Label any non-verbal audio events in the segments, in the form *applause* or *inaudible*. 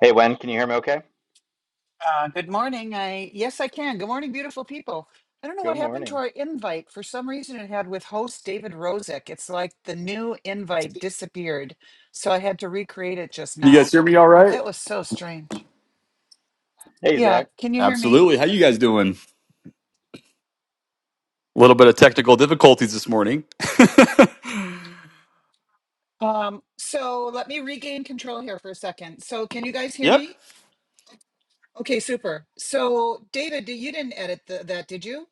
Hey, Wen, can you hear me okay? Uh, good morning. I yes, I can. Good morning, beautiful people. I don't know what Good happened to morning. our invite. For some reason, it had with host David Rozek. It's like the new invite disappeared, so I had to recreate it just Can you guys now. hear me all right? That was so strange. Hey, Yeah, Zach. can you hear me? Absolutely. How you guys doing? A little bit of technical difficulties this morning. *laughs* Um, so let me regain control here for a second. So can you guys hear yep. me? Okay, super. So David, you didn't edit the, that, did you?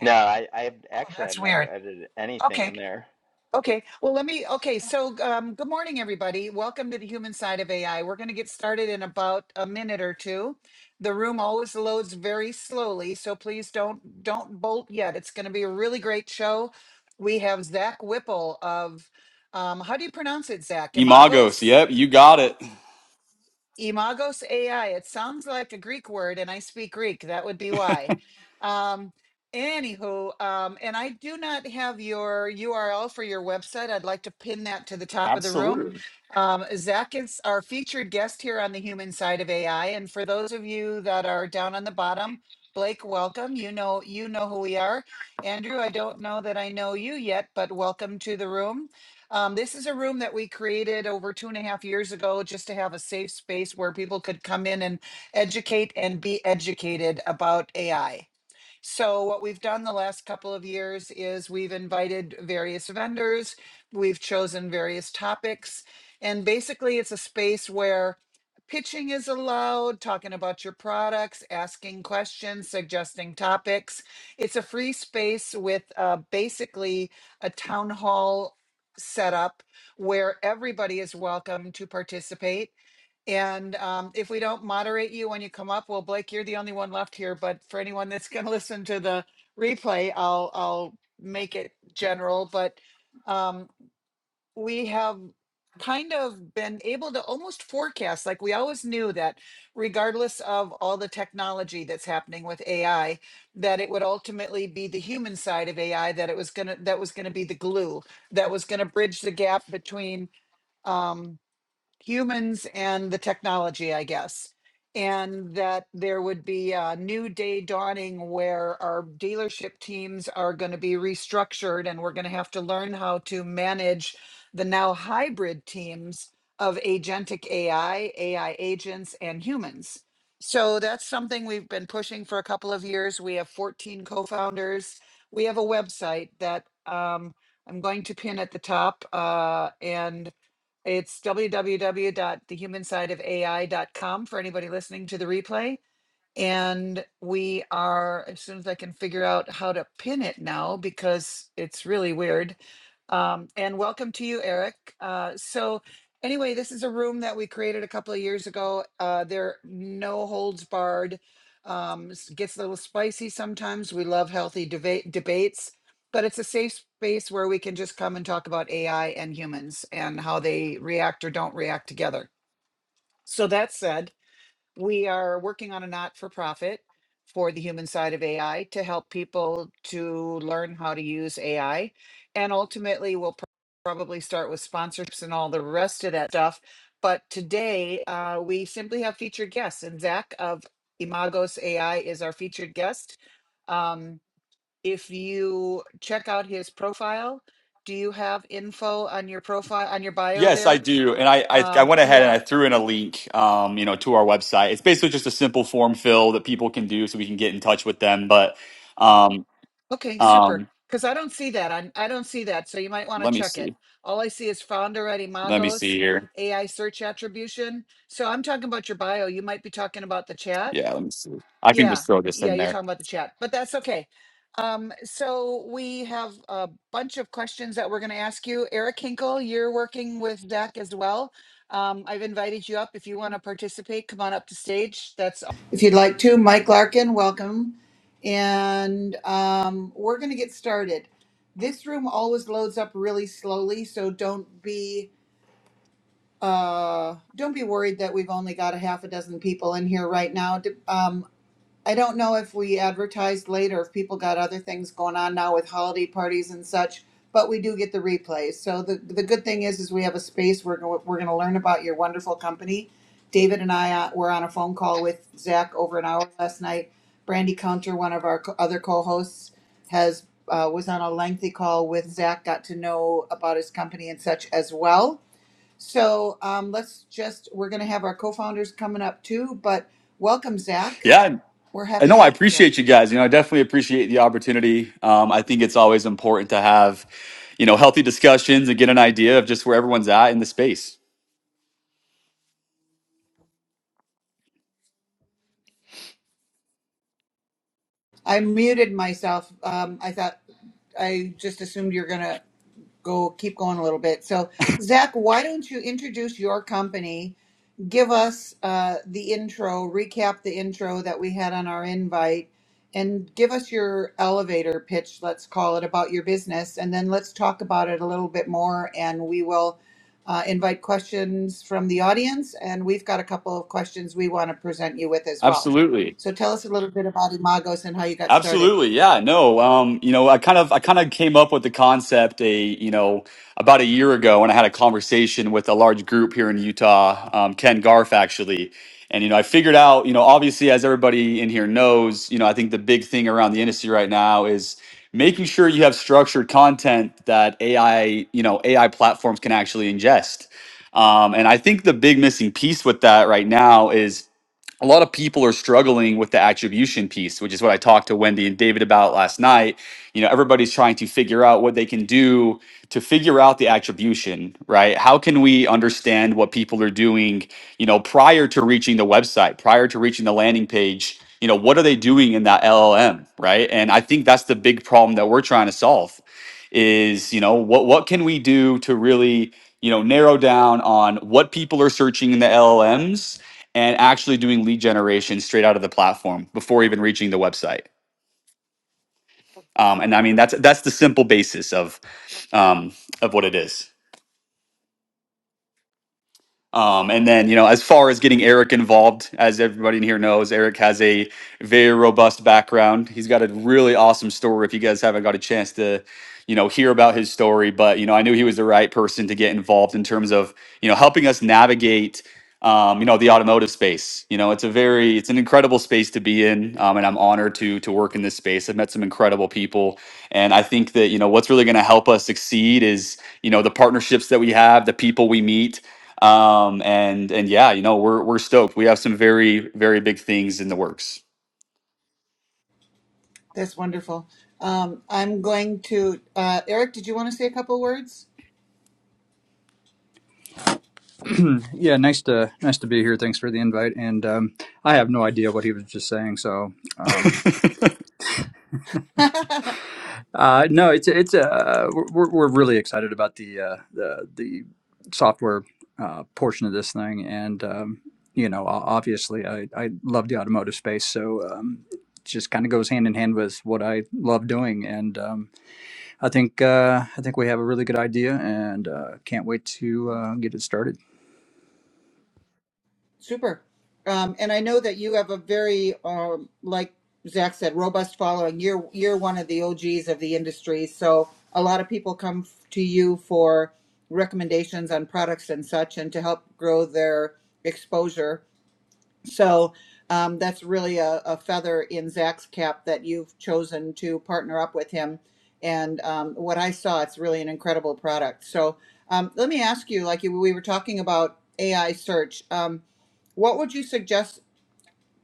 No, I, I Oh, actually I've that's never weird. edited anything Okay. in there. Okay, well, let me, okay, so um, good morning, everybody. Welcome to the human side of AI. We're going to get started in about a minute or two. The room always loads very slowly, so please don't don't bolt yet. It's going to be a really great show. We have Zach Whipple of, um, how do you pronounce it, Zach? Imagos. Imagos? Yep, you got it. Imagos AI. It sounds like a Greek word, and I speak Greek. That would be why. Um, anywho, um, and I do not have your URL for your website. I'd like to pin that to the top of the room. Absolutely. Um, Zach is our featured guest here on the human side of AI, and for those of you that are down on the bottom. Blake, welcome. You know you know who we are. Andrew, I don't know that I know you yet, but welcome to the room. Um, this is a room that we created over two and a half years ago just to have a safe space where people could come in and educate and be educated about AI. So what we've done the last couple of years is we've invited various vendors, we've chosen various topics, and basically it's a space where pitching is allowed, talking about your products, asking questions, suggesting topics. It's a free space with uh, basically a town hall setup where everybody is welcome to participate. And um, if we don't moderate you when you come up, well, Blake, you're the only one left here. But for anyone that's going to *laughs* listen to the replay, I'll I'll make it general. But um, we have kind of been able to almost forecast, like we always knew that, regardless of all the technology that's happening with AI, that it would ultimately be the human side of AI that it was gonna that was gonna be the glue that was gonna bridge the gap between. Um, humans and the technology, I guess. And that there would be a new day dawning where our dealership teams are going to be restructured and we're going to have to learn how to manage the now hybrid teams of agentic AI, AI agents, and humans. So that's something we've been pushing for a couple of years. We have 14 co founders. We have a website that um, I'm going to pin at the top. Uh, and it's w w w dot the human side of A I dot com for anybody listening to the replay. And we are, as soon as I can figure out how to pin it now, because it's really weird. Um, and welcome to you, Eric. Uh, so, anyway, this is a room that we created a couple of years ago. Uh, they're no holds barred. Um, s- gets a little spicy sometimes. We love healthy debate debates, but it's a safe space where we can just come and talk about AI and humans and how they react or don't react together. So that said, we are working on a not for profit for the human side of AI to help people to learn how to use AI. And ultimately, we'll pro- probably start with sponsorships and all the rest of that stuff. But today, uh, we simply have featured guests, and Zach of Imagos AI is our featured guest. Um, if you check out his profile, do you have info on your profile on your bio Yes, I there? do. And I, I I Um, went ahead and yeah, I threw in a link um, you know, to our website. It's basically just a simple form fill that people can do so we can get in touch with them. But um Okay, super. um Because I don't see that. I, I don't see that. So you might want to let me check it. see. All I see is founder at Let me Imagos, see here. AI search attribution. So I'm talking about your bio. You might be talking about the chat. Yeah, let me see. I can Yeah, just throw this yeah, in you're there. talking about the chat, but that's okay. Um, so we have a bunch of questions that we're going to ask you. Eric Hinkle, you're working with Zach as well. Um, I've invited you up. If you want to participate, come on up to stage. That's if you'd like to. Mike Larkin, welcome. And um, we're going to get started. This room always loads up really slowly, so don't be uh, don't be worried that we've only got a half a dozen people in here right now. Um, I don't know if we advertised later, if people got other things going on now with holiday parties and such, but we do get the replays. So the, the good thing is, is we have a space where we're, we're going to learn about your wonderful company. David and I uh, were on a phone call with Zach over an hour last night. Brandy Counter, one of our co- other co-hosts, has uh, was on a lengthy call with Zach, got to know about his company and such as well. So um, let's just, we're going to have our co-founders coming up too, but welcome, Zach. Yeah, We're I happy to know I have you here. appreciate you guys. You know, I definitely appreciate the opportunity. Um, I think it's always important to have, you know, healthy discussions and get an idea of just where everyone's at in the space. I muted myself. Um, I thought I just assumed you're gonna go keep going a little bit. So, Zach, why don't you introduce your company give us uh, the intro, recap the intro that we had on our invite, and give us your elevator pitch, let's call it, about your business. And then let's talk about it a little bit more. And we will uh, invite questions from the audience. And we've got a couple of questions we want to present you with as well. Absolutely. So tell us a little bit about Imagos and how you got started. Absolutely. Yeah. No. Um, you know, I kind of I kind of came up with the concept a, you know, about a year ago when I had a conversation with a large group here in Utah, um, Ken Garf actually. And you know, I figured out, you know, obviously as everybody in here knows, you know, I think the big thing around the industry right now is making sure you have structured content that AI, you know, AI platforms can actually ingest. Um, and I think the big missing piece with that right now is a lot of people are struggling with the attribution piece, which is what I talked to Wendy and David about last night. You know, everybody's trying to figure out what they can do to figure out the attribution, right? How can we understand what people are doing, you know, prior to reaching the website, prior to reaching the landing page? You know, what are they doing in that LLM, right? And I think that's the big problem that we're trying to solve is, you know, what what can we do to really, you know, narrow down on what people are searching in the LLMs and actually doing lead generation straight out of the platform before even reaching the website. Um, and I mean that's that's the simple basis of um, of what it is. Um, and then, you know, as far as getting Eric involved, as everybody in here knows, Eric has a very robust background. He's got a really awesome story. If you guys haven't got a chance to, you know, hear about his story, but you know, I knew he was the right person to get involved in terms of, you know, helping us navigate, um, you know, the automotive space. You know, it's a very, it's an incredible space to be in, um, and I'm honored to to work in this space. I've met some incredible people, and I think that you know what's really going to help us succeed is you know the partnerships that we have, the people we meet um, and and yeah, you know, we're we're stoked. We have some very very big things in the works. That's wonderful. Um, I'm going to, uh, Eric, did you want to say a couple words? Hmm, Yeah, nice to nice to be here. Thanks for the invite. And um, I have no idea what he was just saying. So um, *laughs* *laughs* uh, no, it's it's uh, we're we're really excited about the uh, the the software uh, portion of this thing. And um, you know, o- obviously, I I love the automotive space. So um, it just kind of goes hand in hand with what I love doing. And um, I think uh, I think we have a really good idea, and uh, can't wait to uh, get it started. Super. Um, and I know that you have a very, um, like Zach said, robust following. You're you're one of the OGs of the industry, so a lot of people come f- to you for recommendations on products and such, and to help grow their exposure. So um, that's really a, a feather in Zach's cap that you've chosen to partner up with him. And um, what I saw, it's really an incredible product. So um, let me ask you, like you, we were talking about AI search. Um, what would you suggest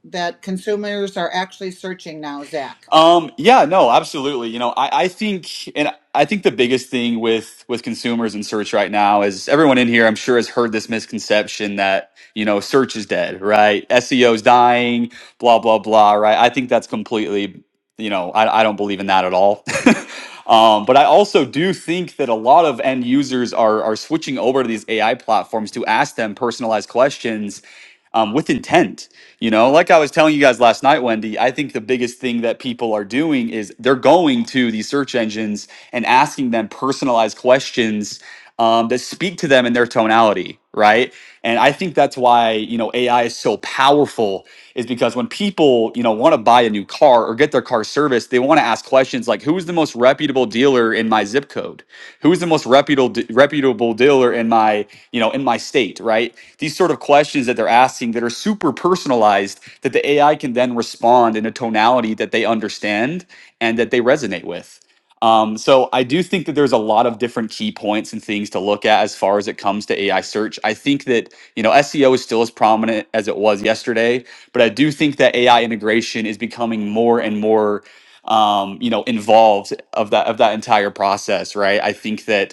that consumers are actually searching now, Zach? Um, yeah, no, absolutely. You know, I, I think, and I think the biggest thing with with consumers and search right now is everyone in here, I'm sure, has heard this misconception that you know search is dead, right? SEO is dying, blah blah blah, right? I think that's completely, you know, I, I don't believe in that at all. *laughs* um, but I also do think that a lot of end users are are switching over to these AI platforms to ask them personalized questions um, with intent you know, like I was telling you guys last night, Wendy, I think the biggest thing that people are doing is they're going to these search engines and asking them personalized questions um, that speak to them in their tonality, right? And I think that's why, you know, AI is so powerful is because when people, you know, want to buy a new car or get their car serviced, they want to ask questions like, who is the most reputable dealer in my zip code? who's the most reputable reputable dealer in my you know in my state right these sort of questions that they're asking that are super personalized that the ai can then respond in a tonality that they understand and that they resonate with um, so i do think that there's a lot of different key points and things to look at as far as it comes to ai search i think that you know seo is still as prominent as it was yesterday but i do think that ai integration is becoming more and more um, you know involved of that of that entire process right i think that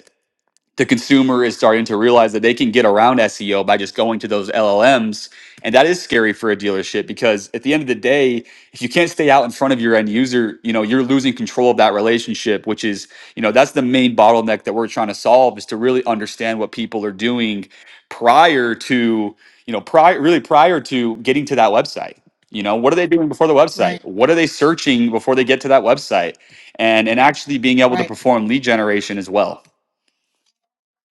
the consumer is starting to realize that they can get around SEO by just going to those LLMs. And that is scary for a dealership because at the end of the day, if you can't stay out in front of your end user, you know, you're losing control of that relationship, which is, you know, that's the main bottleneck that we're trying to solve is to really understand what people are doing prior to, you know, prior really prior to getting to that website. You know, what are they doing before the website? Right, What are they searching before they get to that website? And and actually being able to right. perform lead generation as well.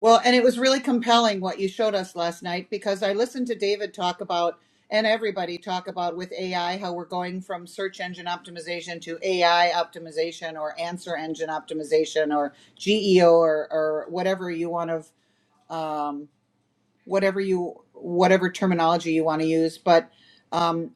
Well, and it was really compelling what you showed us last night because I listened to David talk about and everybody talk about with AI how we're going from search engine optimization to AI optimization or answer engine optimization or GEO or, or whatever you want to. um, whatever you whatever terminology you want to use but um,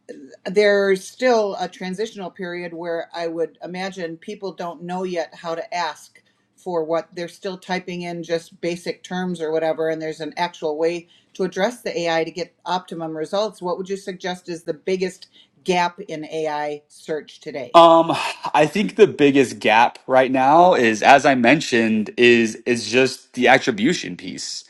there's still a transitional period where i would imagine people don't know yet how to ask for what they're still typing in just basic terms or whatever and there's an actual way to address the ai to get optimum results what would you suggest is the biggest gap in ai search today Um, I think the biggest gap right now is, as I mentioned, is is just the attribution piece,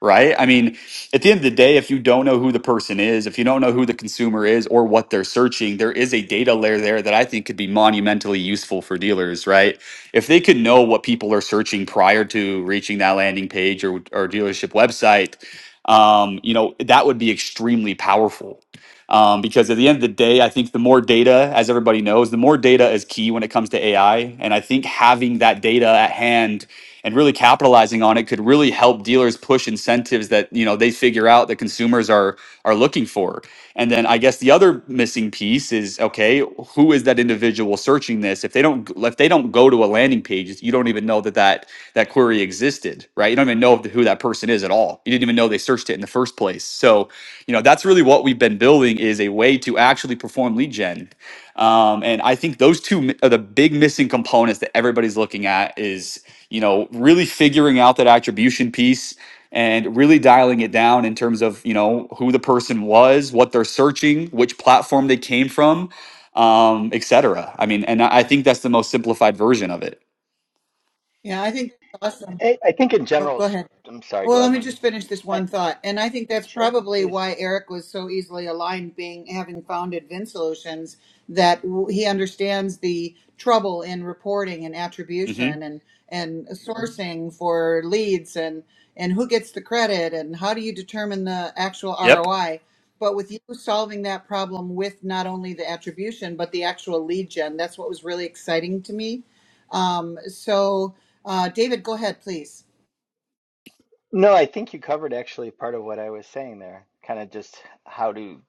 right? I mean, at the end of the day, if you don't know who the person is, if you don't know who the consumer is or what they're searching, there is a data layer there that I think could be monumentally useful for dealers, right? If they could know what people are searching prior to reaching that landing page or or dealership website, um, you know, that would be extremely powerful um, because at the end of the day, I think the more data, as everybody knows, the more data is key when it comes to AI. And I think having that data at hand and really capitalizing on it could really help dealers push incentives that you know they figure out that consumers are are looking for. And then I guess the other missing piece is okay, who is that individual searching this? If they don't if they don't go to a landing page, you don't even know that that that query existed, right? You don't even know who that person is at all. You didn't even know they searched it in the first place. So you know that's really what we've been building is a way to actually perform lead gen um, and i think those two mi- are the big missing components that everybody's looking at is you know really figuring out that attribution piece and really dialing it down in terms of you know who the person was what they're searching which platform they came from um, etc i mean and i I think that's the most simplified version of it yeah i think that's awesome I, I think in well, general, go it's- ahead I'm sorry, go Well, let ahead, me Wendy. just finish this Hi, one thought. And I think that's sure, probably please. why Eric was so easily aligned being having founded Vin Solutions that w- he understands the trouble in reporting and hmm attribution and and sourcing for leads and and who gets the credit and how do you determine the actual yep ROI? But with you solving that problem with not only the attribution but the actual lead gen, that's what was really exciting to me. Um, so, uh, David, go ahead, please. No, I think you covered actually part of what I was saying there, kind of just how to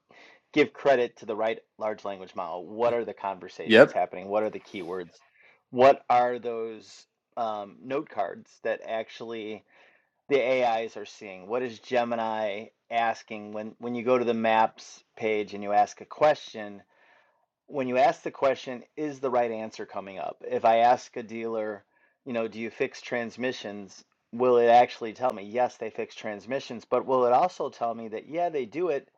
give credit to the right large language model. What are the conversations yep happening? What are the keywords? What are those um, note cards that actually the AIs are seeing? What is Gemini asking when when you go to the maps page and you ask a question? When you ask the question, is the right answer coming up? If I ask a dealer, you know, do you fix transmissions? Will it actually tell me, yes, they fix transmissions, but will it also tell me that, yeah, they do it,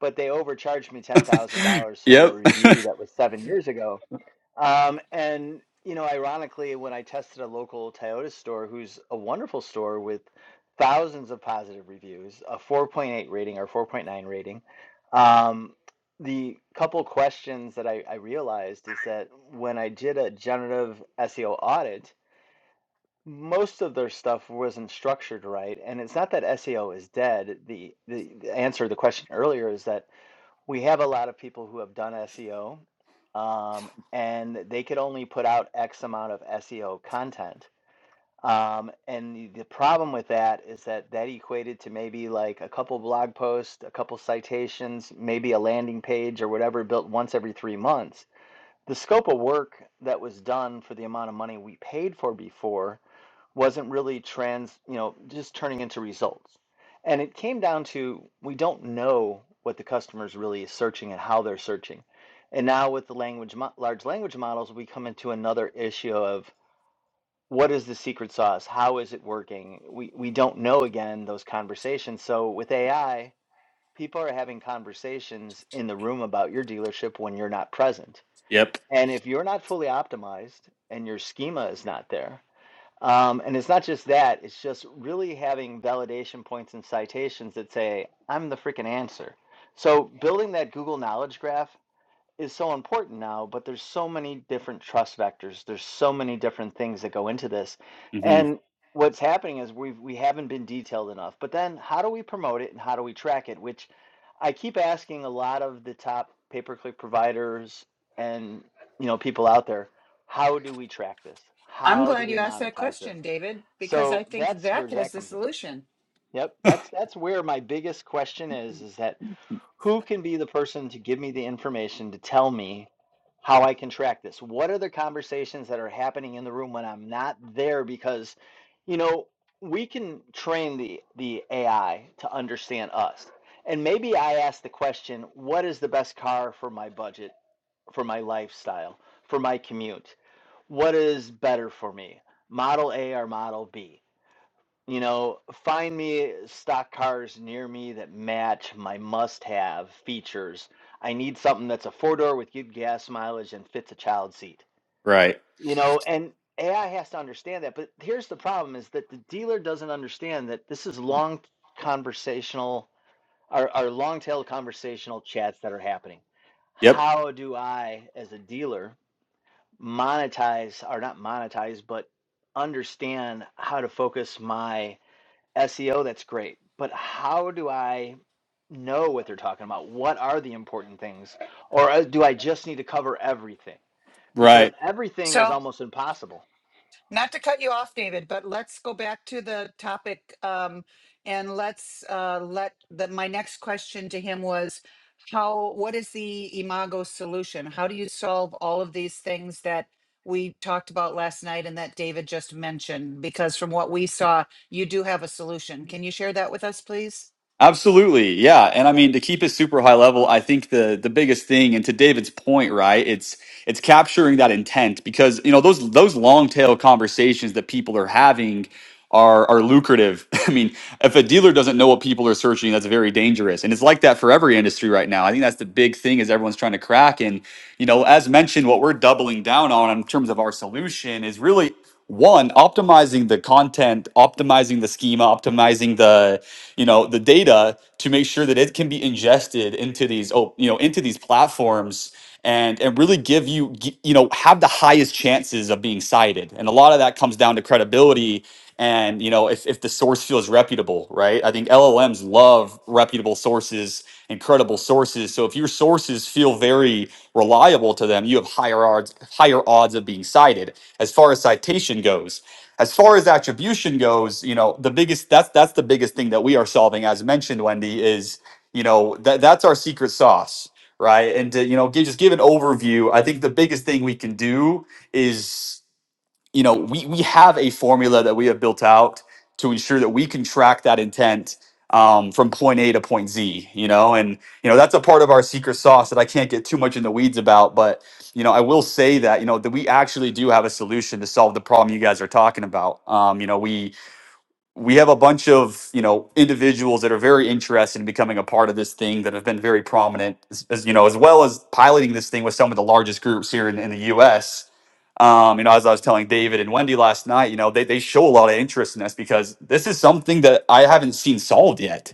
but they overcharged me *laughs* $10,000 from a yep review that was seven years ago? Um, and you know, ironically, when I tested a local Toyota store, who's a wonderful store with thousands of positive reviews, a 4.8 rating or 4.9 rating, um, the couple questions that I, I realized is that when I did a generative SEO audit, most of their stuff wasn't structured right. And it's not that SEO is dead. The the, the answer to the question earlier is that we have a lot of people who have done SEO, um, and they could only put out X amount of SEO content. Um, and the, the problem with that is that that equated to maybe like a couple blog posts, a couple citations, maybe a landing page or whatever built once every three months. The scope of work that was done for the amount of money we paid for before wasn't really trans, you know, just turning into results. And it came down to we don't know what the customers really is searching and how they're searching. And now with the language mo- large language models, we come into another issue of what is the secret sauce? How is it working? We we don't know again those conversations. So with AI, people are having conversations in the room about your dealership when you're not present. *laughs* yep And if you're not fully optimized and your schema is not there, um, and it's not just that, it's just really having validation points and citations that say, I'm the freaking answer. So building that Google Knowledge Graph is so important now, but there's so many different trust vectors. There's so many different things that go into this. And what's happening is we've we haven't been detailed enough. But then how do we promote it and how do we track it? Which I keep asking a lot of the top pay-per-click providers and you know people out there, how do we track this? I'm How do glad we you asked that monetize this? question, David, because I So think that's where that has Zach the comes in. solution. Yep, that's that's where my biggest question is is that who can be the person to give me the information to tell me how I can track this? What are the conversations that are happening in the room when I'm not there because you know, we can train the the AI to understand us. And maybe I ask the question, what is the best car for my budget, for my lifestyle, for my commute? What is better for me? Model A or Model B? You know, find me stock cars near me that match my must-have features. I need something that's a four-door with good gas mileage and fits a child seat. Right. You know, and AI has to understand that. But here's the problem is that the dealer doesn't understand that this is long conversational or, or long-tail conversational chats that are happening. Yep. How do I, as a dealer, monetize or not monetize, but understand how to focus my SEO, that's great. But how do I know what they're talking about? What are the important things? Or uh, do I just need to cover everything? Because Right. everything is So, almost impossible. not to cut you off, David, but let's go back to the topic. Um, and let's uh, let the, my next question to him was how, what is the Imago solution? How do you solve all of these things that we talked about last night and that David just mentioned? Because from what we saw, you do have a solution. Can you share that with us, please? Absolutely. Yeah. And I mean to keep it super high level, I think the the biggest thing and to David's point, right? It's it's capturing that intent because, you know, those those long tail conversations that people are having are are lucrative. *laughs* I mean, if a dealer doesn't know what people are searching, that's very dangerous. And it's like that for every industry right now. I think that's the big thing is everyone's trying to crack and, you know, as mentioned what we're doubling down on in terms of our solution is really one optimizing the content optimizing the schema optimizing the you know the data to make sure that it can be ingested into these oh you know into these platforms and and really give you gi- you know have the highest chances of being cited and a lot of that comes down to credibility and you know if, if the source feels reputable right i think llms love reputable sources incredible sources so if your sources feel very reliable to them you have higher odds higher odds of being cited as far as citation goes as far as attribution goes, you know, the biggest that's that's the biggest thing that we are solving, as mentioned, Wendy, is you know that that's our secret sauce, right? And to you know, gi- just give an overview. I think the biggest thing we can do is you know, we we have a formula that we have built out to ensure that we can track that intent um, from point A to point Z. You know, and you know that's a part of our secret sauce that I can't get too much in the weeds about. But you know, I will say that you know that we actually do have a solution to solve the problem you guys are talking about. Um, you know, we we have a bunch of you know individuals that are very interested in becoming a part of this thing that have been very prominent as, as you know as well as piloting this thing with some of the largest groups here in, in the us um, you know, as I was telling David and Wendy last night, you know, they, they show a lot of interest in this because this is something that I haven't seen solved yet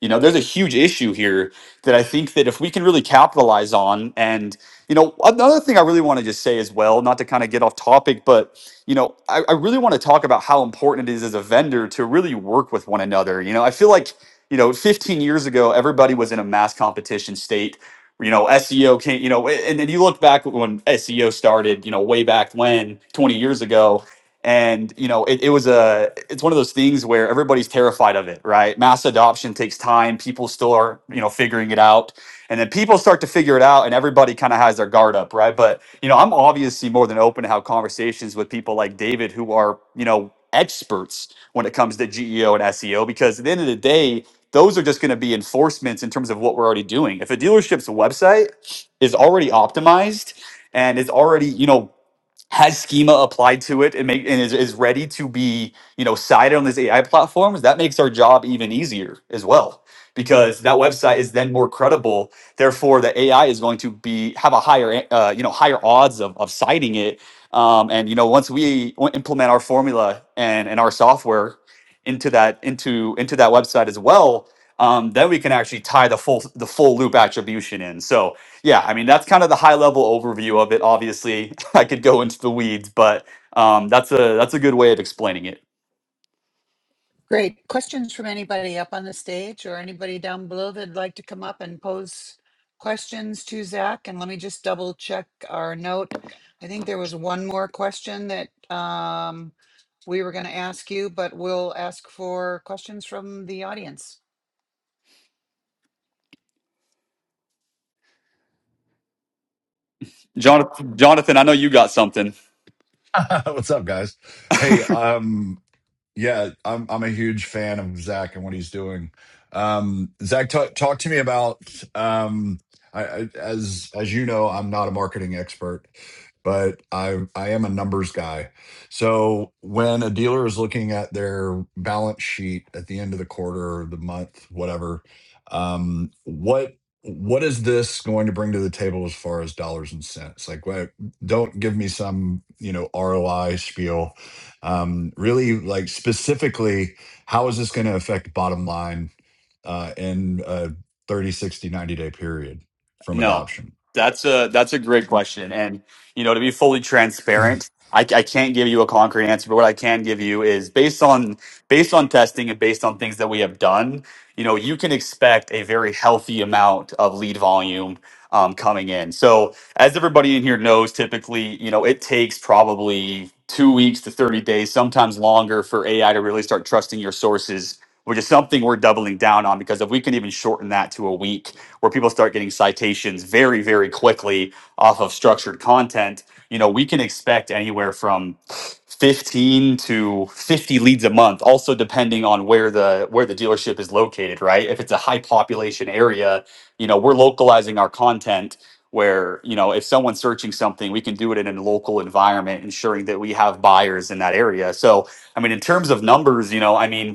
you know, there's a huge issue here that I think that if we can really capitalize on, and you know, another thing I really want to just say as well, not to kind of get off topic, but you know, I, I really want to talk about how important it is as a vendor to really work with one another. You know, I feel like you know, 15 years ago, everybody was in a mass competition state. You know, SEO can't. You know, and then you look back when SEO started. You know, way back when, 20 years ago and you know it, it was a it's one of those things where everybody's terrified of it right mass adoption takes time people still are you know figuring it out and then people start to figure it out and everybody kind of has their guard up right but you know i'm obviously more than open to have conversations with people like david who are you know experts when it comes to geo and seo because at the end of the day those are just going to be enforcements in terms of what we're already doing if a dealership's website is already optimized and is already you know has schema applied to it and make and is, is ready to be you know cited on these AI platforms, that makes our job even easier as well because that website is then more credible. Therefore, the AI is going to be have a higher eh, uh, you know higher odds of, of citing it. Um, and you know once we w- implement our formula and and our software into that into into that website as well. Um, then we can actually tie the full the full loop attribution in. So yeah, I mean, that's kind of the high level overview of it. Obviously, *laughs* I could go into the weeds, but um, that's a that's a good way of explaining it. Great. Questions from anybody up on the stage or anybody down below that'd like to come up and pose questions to Zach? And let me just double check our note. I think there was one more question that um, we were going to ask you, but we'll ask for questions from the audience. Jonathan, Jonathan, I know you got something. *laughs* What's up, guys? Hey, um, yeah, I'm I'm a huge fan of Zach and what he's doing. Um, Zach, talk talk to me about um, I, I, as as you know, I'm not a marketing expert, but I I am a numbers guy. So when a dealer is looking at their balance sheet at the end of the quarter, the month, whatever, um, what what is this going to bring to the table as far as dollars and cents? Like, what, don't give me some you know ROI spiel um, really like specifically how is this going to affect bottom line uh, in a 30, 60, 90 day period from No, adoption that's a that's a great question, and you know to be fully *clears throat* Yes, transparent, I, I can't give you a concrete answer, but what I can give you is based on based on testing and based on things that we have done, you know, you can expect a very healthy amount of lead volume um, coming in. So as everybody in here knows, typically, you know, it takes probably two weeks to thirty days, sometimes longer, for AI to really start trusting your sources. Which is something we're doubling down on because if we can even shorten that to a week, where people start getting citations very, very quickly off of structured content, you know, we can expect anywhere from 15 to 50 leads a month, also depending on where the where the dealership is located, right? If it's a high population area, you know, we're localizing our content where, you know, if someone's searching something, we can do it in a local environment, ensuring that we have buyers in that area. So I mean, in terms of numbers, you know, I mean,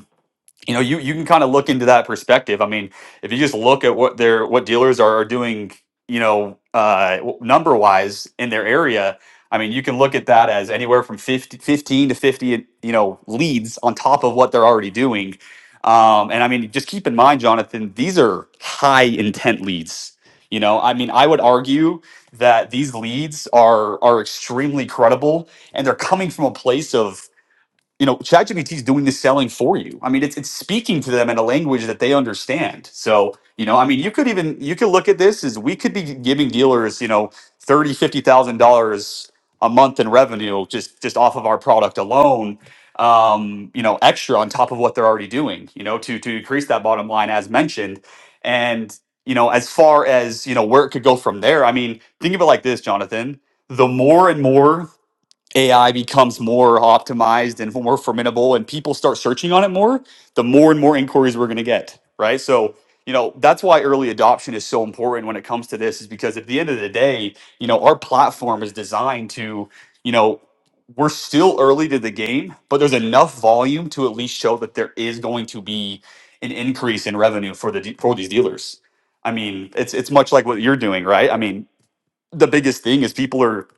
you know you you can kind of look into that perspective i mean if you just look at what their what dealers are, are doing you know uh number wise in their area i mean you can look at that as anywhere from 50, 15 to 50 you know leads on top of what they're already doing um and i mean just keep in mind jonathan these are high intent leads you know i mean i would argue that these leads are are extremely credible and they're coming from a place of you know, ChatGPT is doing the selling for you. I mean, it's it's speaking to them in a language that they understand. So, you know, I mean, you could even you could look at this as we could be giving dealers, you know, thirty, fifty thousand dollars a month in revenue just just off of our product alone. Um, you know, extra on top of what they're already doing, you know, to to increase that bottom line as mentioned. And, you know, as far as, you know, where it could go from there, I mean, think of it like this, Jonathan. The more and more AI becomes more optimized and more formidable and people start searching on it more, the more and more inquiries we're going to get, right? So, you know, that's why early adoption is so important when it comes to this is because at the end of the day, you know, our platform is designed to, you know, we're still early to the game, but there's enough volume to at least show that there is going to be an increase in revenue for the de- for these dealers. I mean, it's it's much like what you're doing, right? I mean, the biggest thing is people are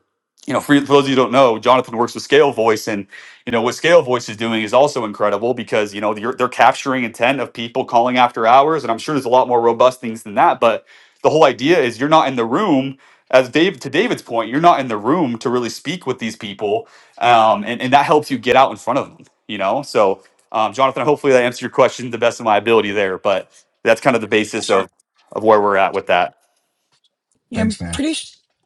you know, for, for those of you who don't know, Jonathan works with Scale Voice, and you know what Scale Voice is doing is also incredible because you know they're, they're capturing intent of people calling after hours, and I'm sure there's a lot more robust things than that. But the whole idea is you're not in the room, as Dave to David's point, you're not in the room to really speak with these people, um, and and that helps you get out in front of them. You know, so um, Jonathan, hopefully that answered your question to the best of my ability there, but that's kind of the basis sir. of of where we're at with that. Yeah, I'm thanks man pretty. i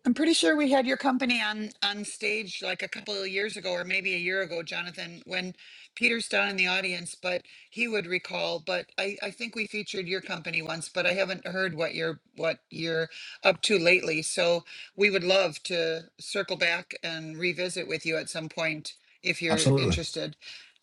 I'm pretty sure we had your company on on stage like a couple of years ago, or maybe a year ago, Jonathan, when Peter's down in the audience, but he would recall. But I I think we featured your company once, but I haven't heard what you're what you're up to lately. So we would love to circle back and revisit with you at some point if you're absolutely interested.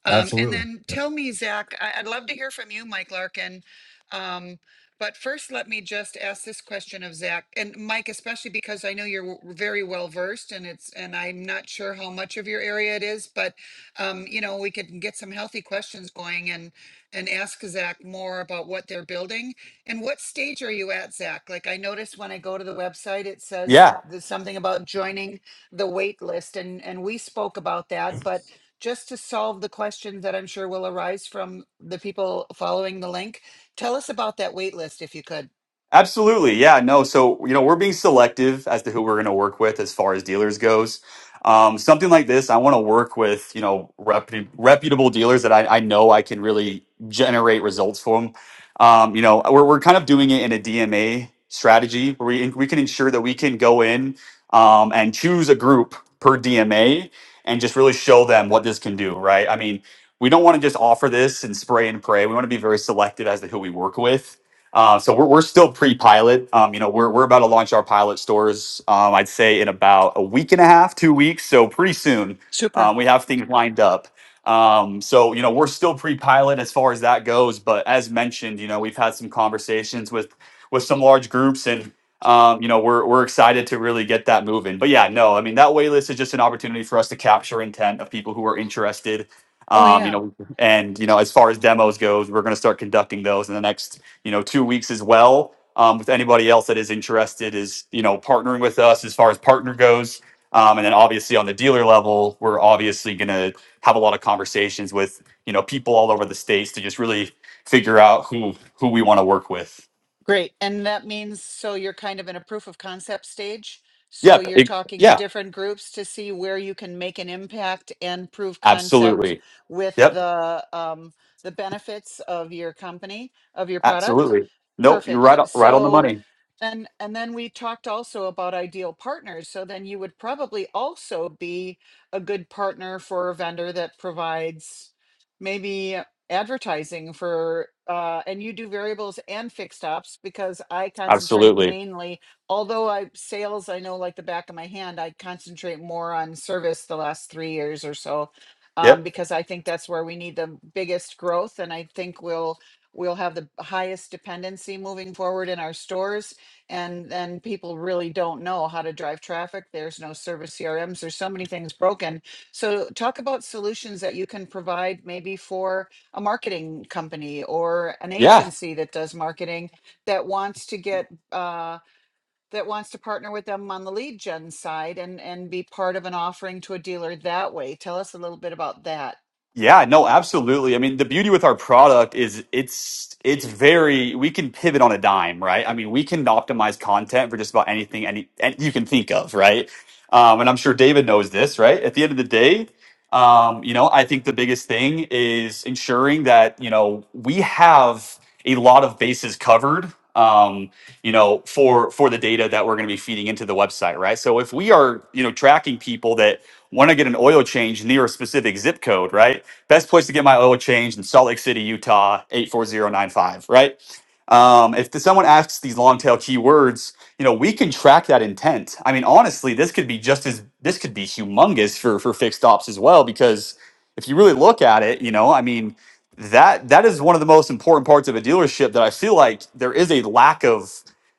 Um, and absolutely then tell me, Zach, I, I'd love to hear from you, Mike Larkin. Um, but first, let me just ask this question of Zach and Mike, especially because I know you're w- very well versed and it's, and I'm not sure how much of your area it is, but, um, you know, we could get some healthy questions going and, and ask Zach more about what they're building. And what stage are you at, Zach? Like I noticed when I go to the website, it says Yeah. there's something about joining the wait list and, and we spoke about that, but just to solve the questions that I'm sure will arise from the people following the link Tell us about that wait list if you could. Absolutely. Yeah, no. So, you know, we're being selective as to who we're going to work with as far as dealers goes. Um, something like this, I want to work with, you know, repu- reputable dealers that I, I know I can really generate results for them. Um, you know, we're, we're kind of doing it in a DMA strategy where we, we can ensure that we can go in um, and choose a group per DMA and just really show them what this can do, right? I mean, we don't want to just offer this and spray and pray. We want to be very selective as to who we work with uh, so we're, we're still pre-pilot. Um, you know, we're, we're about to launch our pilot stores. Um, I'd say in about a week and a half, two weeks. So pretty soon, Super. um, we have things lined up. Um, so you know, we're still pre-pilot as far as that goes. But as mentioned, you know, we've had some conversations with with some large groups, and um, you know, we're we're excited to really get that moving. But yeah, no, I mean that wait list is just an opportunity for us to capture intent of people who are interested. Oh, Um, you yeah. know, and you know, as far as demos goes, we're going to start conducting those in the next you know, two weeks as well. Um, with anybody else that is interested, is you know, partnering with us as far as partner goes. Um, and then obviously on the dealer level, we're obviously going to have a lot of conversations with you know people all over the states to just really figure out who who we want to work with. Great. And that means so you're kind of in a proof of concept stage. So Yep. you're It- talking to yeah. different groups to see where you can make an impact and prove concept Absolutely. with Yep. the um, the benefits of your company, of your product. Absolutely. Nope. You're Perfect. right. o- Right on the So money. And and then we talked also about ideal partners. So then you would probably also be a good partner for a vendor that provides maybe advertising for uh, and you do variables and fixed ops because I concentrate Absolutely. mainly, although I sales I know like the back of my hand, I concentrate more on service the last three years or so. Um, Yep. because I think that's where we need the biggest growth and I think we'll we'll have the highest dependency moving forward in our stores and then people really don't know how to drive traffic. There's no service CRMs. There's so many things broken. So talk about solutions that you can provide maybe for a marketing company or an Yeah. agency that does marketing that wants to get uh, that wants to partner with them on the lead gen side and and be part of an offering to a dealer that way. Tell us a little bit about that. Yeah, no, absolutely. I mean, the beauty with our product is it's it's very we can pivot on a dime, right? I mean, we can optimize content for just about anything any, any you can think of, right? Um, and I'm sure David knows this, right? At the end of the day, um, you know, I think the biggest thing is ensuring that you know we have a lot of bases covered. Um, you know, for for the data that we're going to be feeding into the website, right? So if we are, you know, tracking people that want to get an oil change near a specific zip code, right? Best place to get my oil changed in Salt Lake City, Utah, 84095, right? Um, if the- someone asks these long tail keywords, you know, we can track that intent. I mean, honestly, this could be just as this could be humongous for for fixed ops as well, because if you really look at it, you know, I mean, that that is one of the most important parts of a dealership that I feel like there is a lack of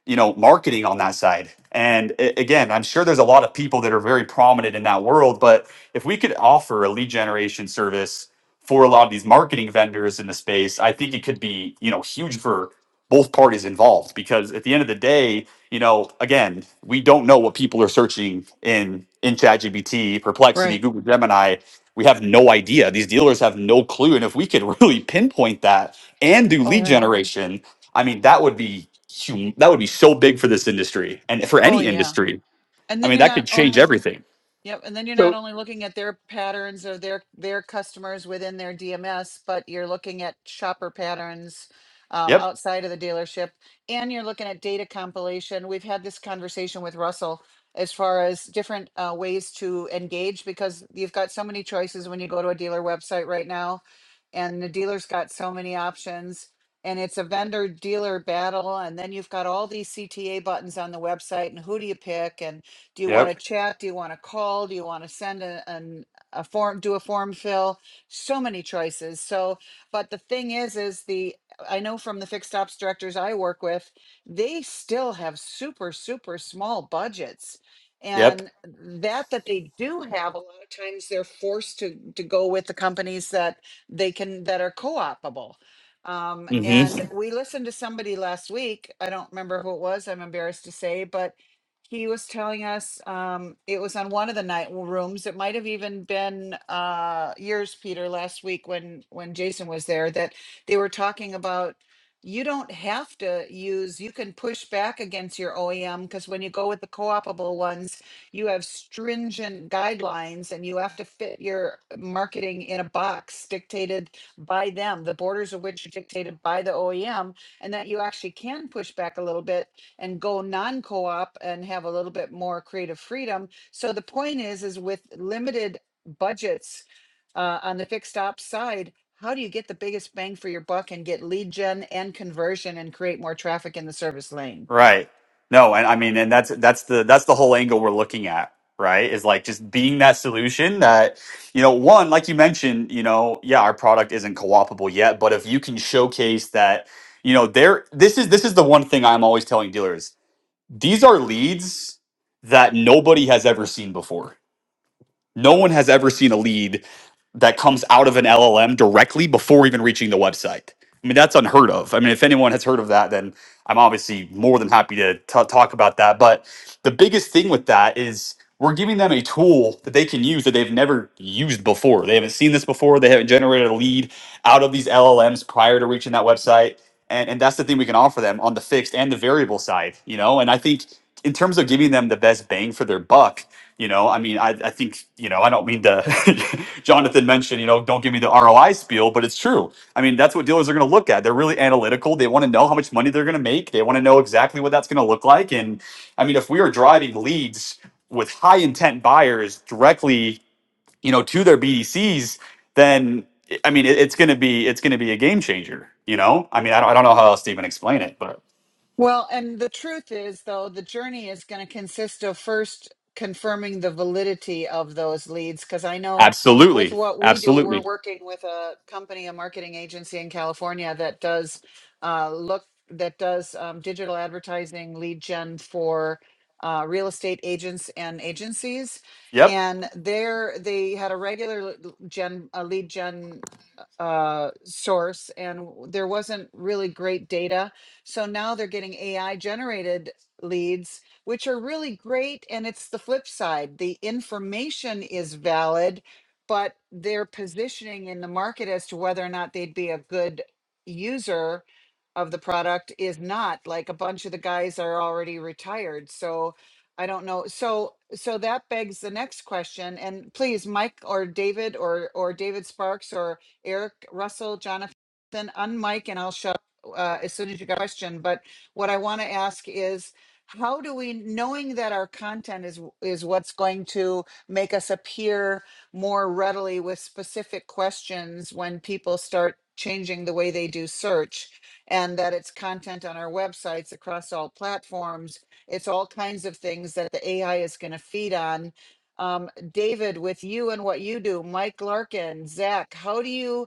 you know marketing on that side and a- again i'm sure there's a lot of people that are very prominent in that world but if we could offer a lead generation service for a lot of these marketing vendors in the space i think it could be you know huge for both parties involved because at the end of the day you know again we don't know what people are searching in in ChatGPT, perplexity Right. google gemini we have no idea these dealers have no clue and if we could *laughs* really pinpoint that and do All lead right. generation I mean, that would be hum- that would be so big for this industry and for Oh any yeah. industry. And I then mean, you're that not could change only everything. Yep, and then you're not So only looking at their patterns or their their customers within their DMS, but you're looking at shopper patterns um, Yep. outside of the dealership, and you're looking at data compilation. We've had this conversation with Russell as far as different uh, ways to engage because you've got so many choices when you go to a dealer website right now, and the dealer's got so many options, and it's a vendor dealer battle, and then you've got all these CTA buttons on the website, and who do you pick, and do you want Yep. to chat? Do you want to call? Do you want to send a, an, a form, do a form fill? So many choices. So, but the thing is, is the, I know from the fixed ops directors I work with, they still have super, super small budgets. Yep. And that that they do have, a lot of times they're forced to to go with the companies that they can that are co-opable. Um, hmm and we listened to somebody last week. I don't remember who it was. I'm embarrassed to say, but he was telling us um, it was on one of the night rooms. It might have even been uh, yours, Peter, last week when when Jason was there. That they were talking about you don't have to use. You can push back against your OEM because when you go with the co-opable ones, you have stringent guidelines and you have to fit your marketing in a box dictated by them. The borders of which are dictated by the OEM, and that you actually can push back a little bit and go non-co-op and have a little bit more creative freedom. So the point is, is with limited budgets uh, on the fixed ops side, how do you get the biggest bang for your buck and get lead gen and conversion and create more traffic in the service lane? Right. No, and I mean, and that's that's the that's the whole angle we're looking at, right? Is like just being that solution that you know, one, like you mentioned, you know, yeah, our product isn't co-opable yet, but if you can showcase that, you know, there, this is this is the one thing I'm always telling dealers: these are leads that nobody has ever seen before No one has ever seen a lead that comes out of an LLM directly before even reaching the website. I mean, that's unheard of. I mean, if anyone has heard of that, then I'm obviously more than happy to ta- talk about that. But the biggest thing with that is we're giving them a tool that they can use that they've never used before. They haven't seen this before. They haven't generated a lead out of these LLMs prior to reaching that website. And, and that's the thing we can offer them on the fixed and the variable side, you know? And I think in terms of giving them the best bang for their buck, you know, I mean, I, I think, you know, I don't mean to, *laughs* Jonathan mentioned, you know, don't give me the ROI spiel, but it's true. I mean, that's what dealers are going to look at. They're really analytical. They want to know how much money they're going to make. They want to know exactly what that's going to look like. And I mean, if we are driving leads with high intent buyers directly, you know, to their BDCs, then I mean, it, it's going to be, it's going to be a game changer, you know? I mean, I don't, I don't know how else to even explain it, but Well, and the truth is, though, the journey is going to consist of first confirming the validity of those leads. Because I know with absolutely. what we do, we're Absolutely. working with a company, a marketing agency in California that does uh, look, that does um, digital advertising lead gen for uh, real estate agents and agencies. Yep. And there, they had a regular l- gen, a lead gen uh, source, and there wasn't really great data so now they're getting AI generated leads, which are really great. And it's the flip side the information is valid, but their positioning in the market as to whether or not they'd be a good user of the product is not like a bunch of the guys are already retired. So I don't know. So so that begs the next question. And please, Mike or David or or David Sparks or Eric Russell, Jonathan, unmic, and I'll shut uh, as soon as you got a question. But what I want to ask is, how do we, knowing that our content is is what's going to make us appear more readily with specific questions when people start changing the way they do search, and that it's content on our websites across all platforms, it's all kinds of things that the AI is going to feed on. Um, David, with you and what you do, Mike Larkin, Zach, how do you?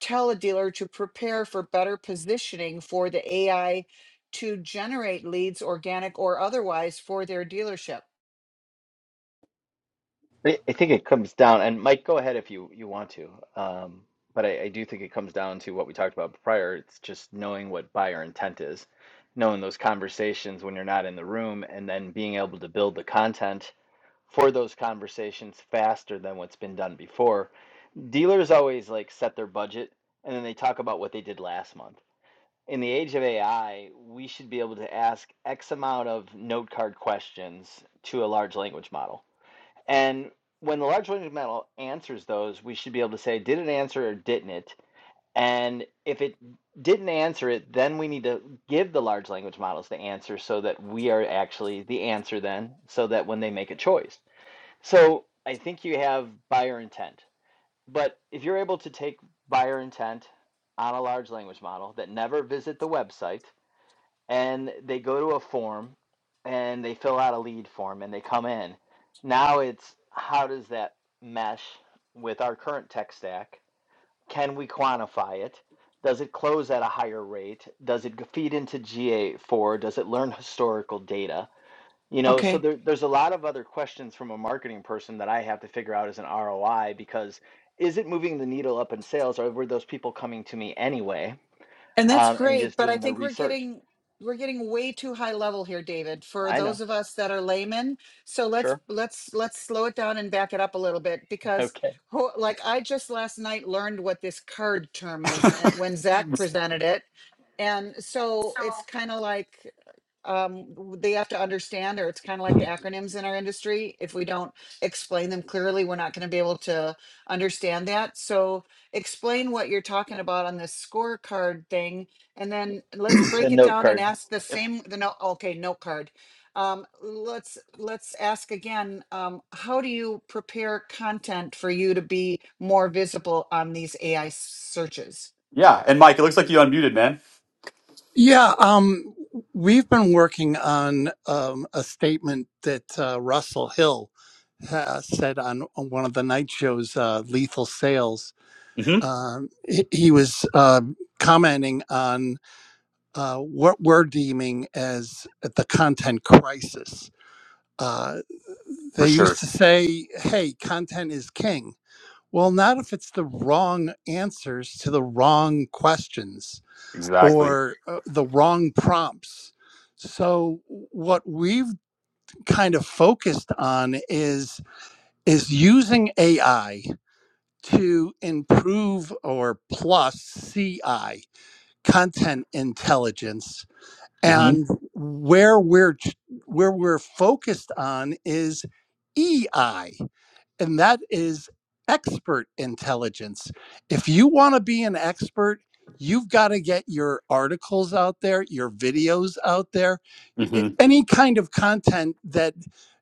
tell a dealer to prepare for better positioning for the AI to generate leads, organic or otherwise, for their dealership. I I think it comes down, and Mike, go ahead if you you want to. Um, but I, I do think it comes down to what we talked about prior. It's just knowing what buyer intent is, knowing those conversations when you're not in the room, and then being able to build the content for those conversations faster than what's been done before. Dealers always like set their budget and then they talk about what they did last month. In the age of AI, we should be able to ask X amount of note card questions to a large language model. And when the large language model answers those, we should be able to say, did it answer or didn't it? And if it didn't answer it, then we need to give the large language models the answer so that we are actually the answer then, so that when they make a choice. So I think you have buyer intent. But if you're able to take buyer intent on a large language model that never visit the website and they go to a form and they fill out a lead form and they come in, now it's how does that mesh with our current tech stack? Can we quantify it? Does it close at a higher rate? Does it feed into GA4? Does it learn historical data? You know, Okay, so there, there's a lot of other questions from a marketing person that I have to figure out as an ROI because is it moving the needle up in sales or were those people coming to me anyway And that's um, and great, just but I doing their think we're research? getting we're getting way too high level here, David, for I those know. of us that are laymen. So let's Sure. *laughs* let's let's slow it down and back it up a little bit because Okay. ho- like I just last night learned what this card term is uh, when Zach presented it. And so it's kind of like um, w- they have to understand, or it's kind of like the acronyms in our industry. If we don't explain them clearly, we're not going to be able to understand that. So explain what you're talking about on this scorecard thing and then let's It's a break it note down and card. ask the *laughs* same the no okay note card um, let's let's ask again um, how do you prepare content for you to be more visible on these ai searches Yeah, and Mike, it looks like you unmuted, man. Yeah, um, we've been working on um, a statement that uh, Russell Hill uh, said on, on one of the night shows, uh, Lethal Sales. hmm Um, he, he was uh, commenting on uh, what we're deeming as the content crisis. Uh, For they used sure. to say, hey, content is king. Well, not if it's the wrong answers to the wrong questions Exactly. or uh, the wrong prompts. So what we've kind of focused on is is using AI to improve or plus CI content intelligence hmm and where we're where we're focused on is EI and that is expert intelligence. If you want to be an expert, you've got to get your articles out there, your videos out there, hmm any kind of content that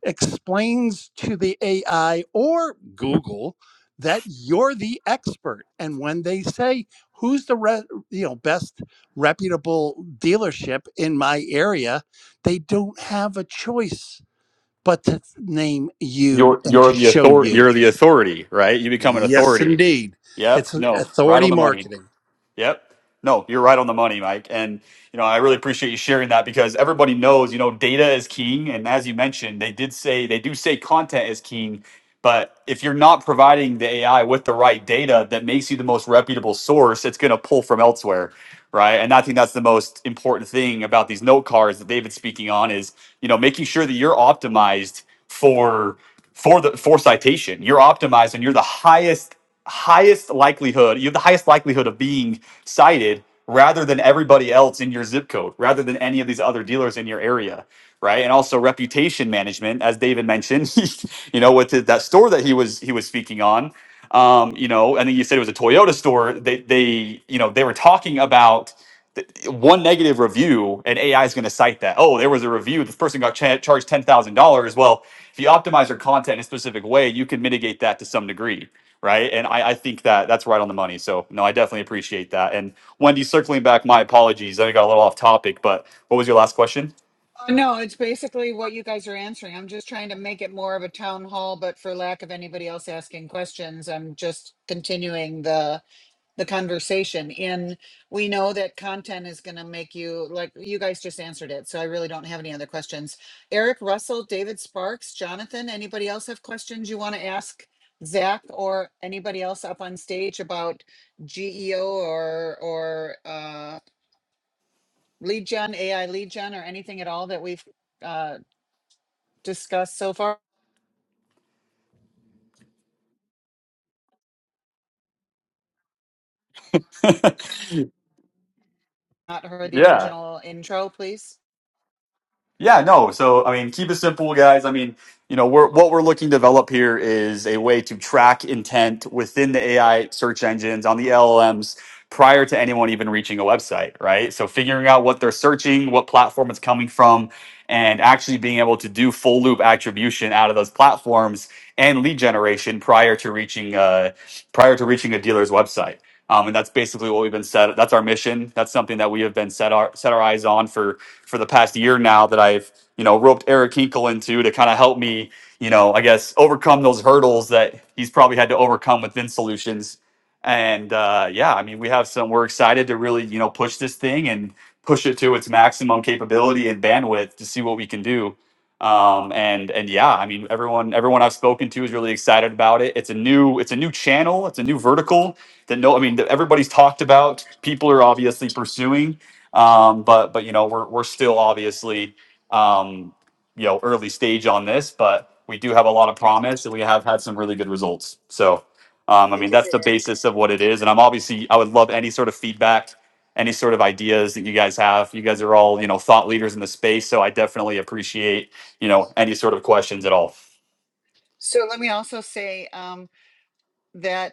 explains to the AI or Google that you're the expert. And when they say, who's the re- you know best reputable dealership in my area they don't have a choice but to name you You're and you're to the show author you you're the authority, right? You become an Yes, authority. indeed. It's Yep. No, right on authority the money. marketing. Yep. No, you're right on the money, Mike. And you know, I really appreciate you sharing that because everybody knows, you know, data is king. And as you mentioned, they did say they do say content is king, but if you're not providing the AI with the right data that makes you the most reputable source, it's gonna pull from elsewhere. Right. And I think that's the most important thing about these note cards that David's speaking on is, you know, making sure that you're optimized for for the for citation. You're optimized and you're the highest highest likelihood, you have the highest likelihood of being cited rather than everybody else in your zip code, rather than any of these other dealers in your area, right? And also reputation management, as David mentioned, *laughs* you know, with his, that store that he was he was speaking on, um, you know, I think you said it was a Toyota store. They they you know they were talking about. th- One negative review and AI is going to cite that. Oh, there was a review. This person got cha- charged ten thousand dollars. Well, if you optimize your content in a specific way, you can mitigate that to some degree right? And I, I think that that's right on the money. So no, I definitely appreciate that. And Wendy, circling back, my apologies. I got a little off topic, but what was your last question? Uh, no it's basically what you guys are answering i'm just trying to make it more of a town hall but for lack of anybody else asking questions i'm just continuing the the conversation and we know that content is going to make you like you guys just answered it so i really don't have any other questions eric russell david sparks jonathan anybody else have questions you want to ask zach or anybody else up on stage about geo or or uh, lead gen ai lead gen or anything at all that we've uh, discussed so far *laughs* not heard the Yeah. original intro please Yeah, no. So, I mean, keep it simple, guys. I mean, you know, we're, what we're looking to develop here is a way to track intent within the AI search engines on the LLMs prior to anyone even reaching a website, right? So, figuring out what they're searching, what platform it's coming from, and actually being able to do full loop attribution out of those platforms and lead generation prior to reaching uh, prior to reaching a dealer's website. Um, and that's basically what we've been set. That's our mission. That's something that we have been set our set our eyes on for for the past year now that I've you know roped Eric Hinkle into to kind of help me you know I guess overcome those hurdles that he's probably had to overcome within solutions. And uh, yeah, I mean we have some we're excited to really you know push this thing and push it to its maximum capability and bandwidth to see what we can do. Um, and and yeah, I mean everyone everyone I've spoken to is really excited about it. It's a new it's a new channel. It's a new vertical that no I mean that everybody's talked about. People are obviously pursuing. Um, but but you know we're we're still obviously um, you know early stage on this, but we do have a lot of promise, and we have had some really good results. So um, I mean that's the basis of what it is, and I'm obviously I would love any sort of feedback, any sort of ideas that you guys have. You guys are all you know thought leaders in the space, so I definitely appreciate you know any sort of questions at all. so let me also say um, that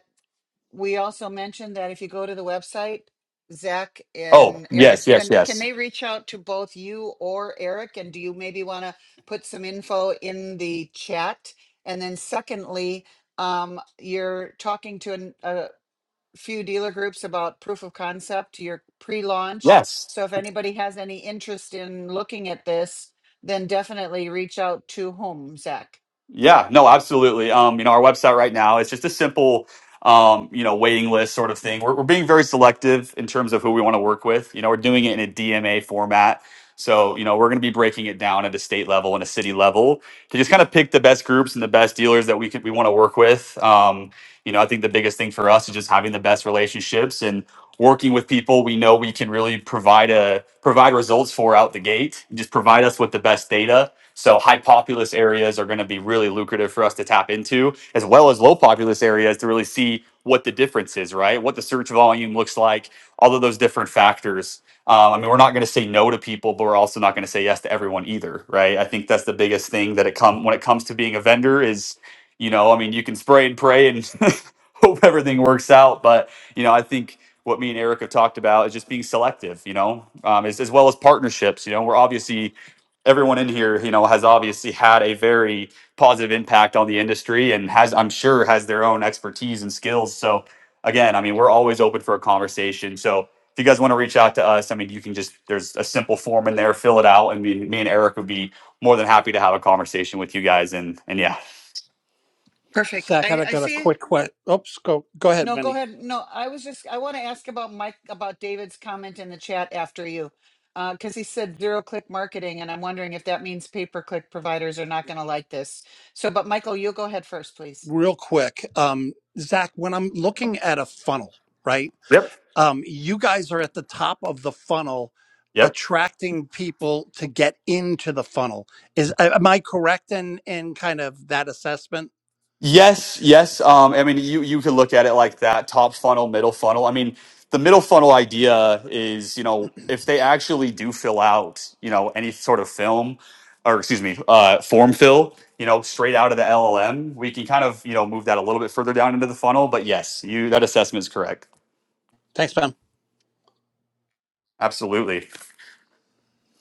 we also mentioned that if you go to the website, Zach Oh and Eric, yes yes when can yes they reach out to both you or Eric? And do you maybe want to put some info in the chat? And then, secondly, um, you're talking to an, a few dealer groups about proof of concept, your pre launch. yes So, if anybody has any interest in looking at this, then definitely reach out to whom, Zach? Yeah, no, absolutely. Um, you know, our website right now it's just a simple, um, you know, waiting list sort of thing. We're, we're being very selective in terms of who we want to work with. You know, we're doing it in a DMA format. So, you know, we're going to be breaking it down at a state level and a city level to just kind of pick the best groups and the best dealers that we could, we want to work with. Um, you know, I think the biggest thing for us is just having the best relationships and working with people we know we can really provide a provide results for out the gate. Just provide us with the best data so high populous areas are going to be really lucrative for us to tap into, as well as low populous areas to really see what the difference is, right? What the search volume looks like, all of those different factors. Um, I mean, we're not going to say no to people, but we're also not going to say yes to everyone either, right? I think that's the biggest thing that it come when it comes to being a vendor is, you know, I mean, you can spray and pray and *laughs* hope everything works out, but you know, I think what me and Eric have talked about is just being selective, you know, um, as, as well as partnerships. You know, we're obviously everyone in here, you know, has obviously had a very positive impact on the industry and has, I'm sure, has their own expertise and skills. So again, I mean, we're always open for a conversation. So if you guys want to reach out to us, I mean, you can just there's a simple form in there, fill it out, and me, me and Eric would be more than happy to have a conversation with you guys. And and yeah, Perfect. Zach, I, I I got a see quick question. Oops, go go ahead, No, go Wendy. ahead. No, I was just I want to ask about Mike about David's comment in the chat after you. Uh, because he said zero click marketing, and I'm wondering if that means pay per click providers are not going to like this. So, but Michael, you go ahead first, please. Real quick, um, Zach. When I'm looking at a funnel, right? yep, Um, you guys are at the top of the funnel, yep. attracting people to get into the funnel. Is am I correct in in kind of that assessment? Yes, yes. Um, I mean, you you could look at it like that: top funnel, middle funnel. I mean, the middle funnel idea is, you know, if *clears throat* they actually do fill out, you know, any sort of film, or excuse me, uh, form fill, you know, straight out of the LLM, we can kind of, you know, move that a little bit further down into the funnel. But yes, you that assessment is correct. Thanks, Pam. Absolutely.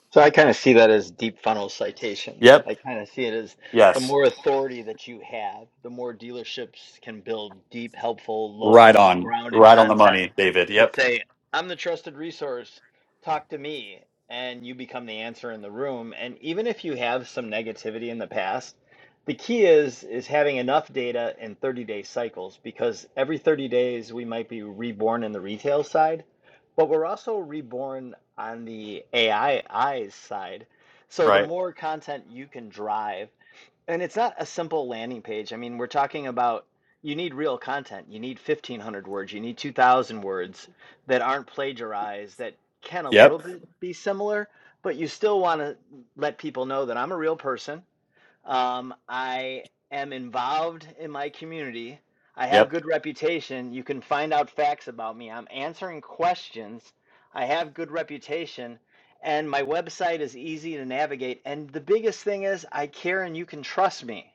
So I kind of see that as deep funnel citations. Yep. I kind of see it as the Yes. more authority that you have, the more dealerships can build deep, helpful, Right local, on. grounded Right on the content money, David. that Yep. say, I'm the trusted resource, talk to me, and you become the answer in the room. And even if you have some negativity in the past, the key is is having enough data in 30 day cycles because every 30 days we might be reborn in the retail side but we're also reborn on the AI eyes side. So the Right. more content you can drive, and it's not a simple landing page. I mean, we're talking about you need real content. You need 1500 words, you need 2000 words that aren't plagiarized that can a little Yep. bit be similar, but you still want to let people know that I'm a real person. Um, I am involved in my community. I have Yep. good reputation. You can find out facts about me. I'm answering questions. I have good reputation and my website is easy to navigate and the biggest thing is I care and you can trust me.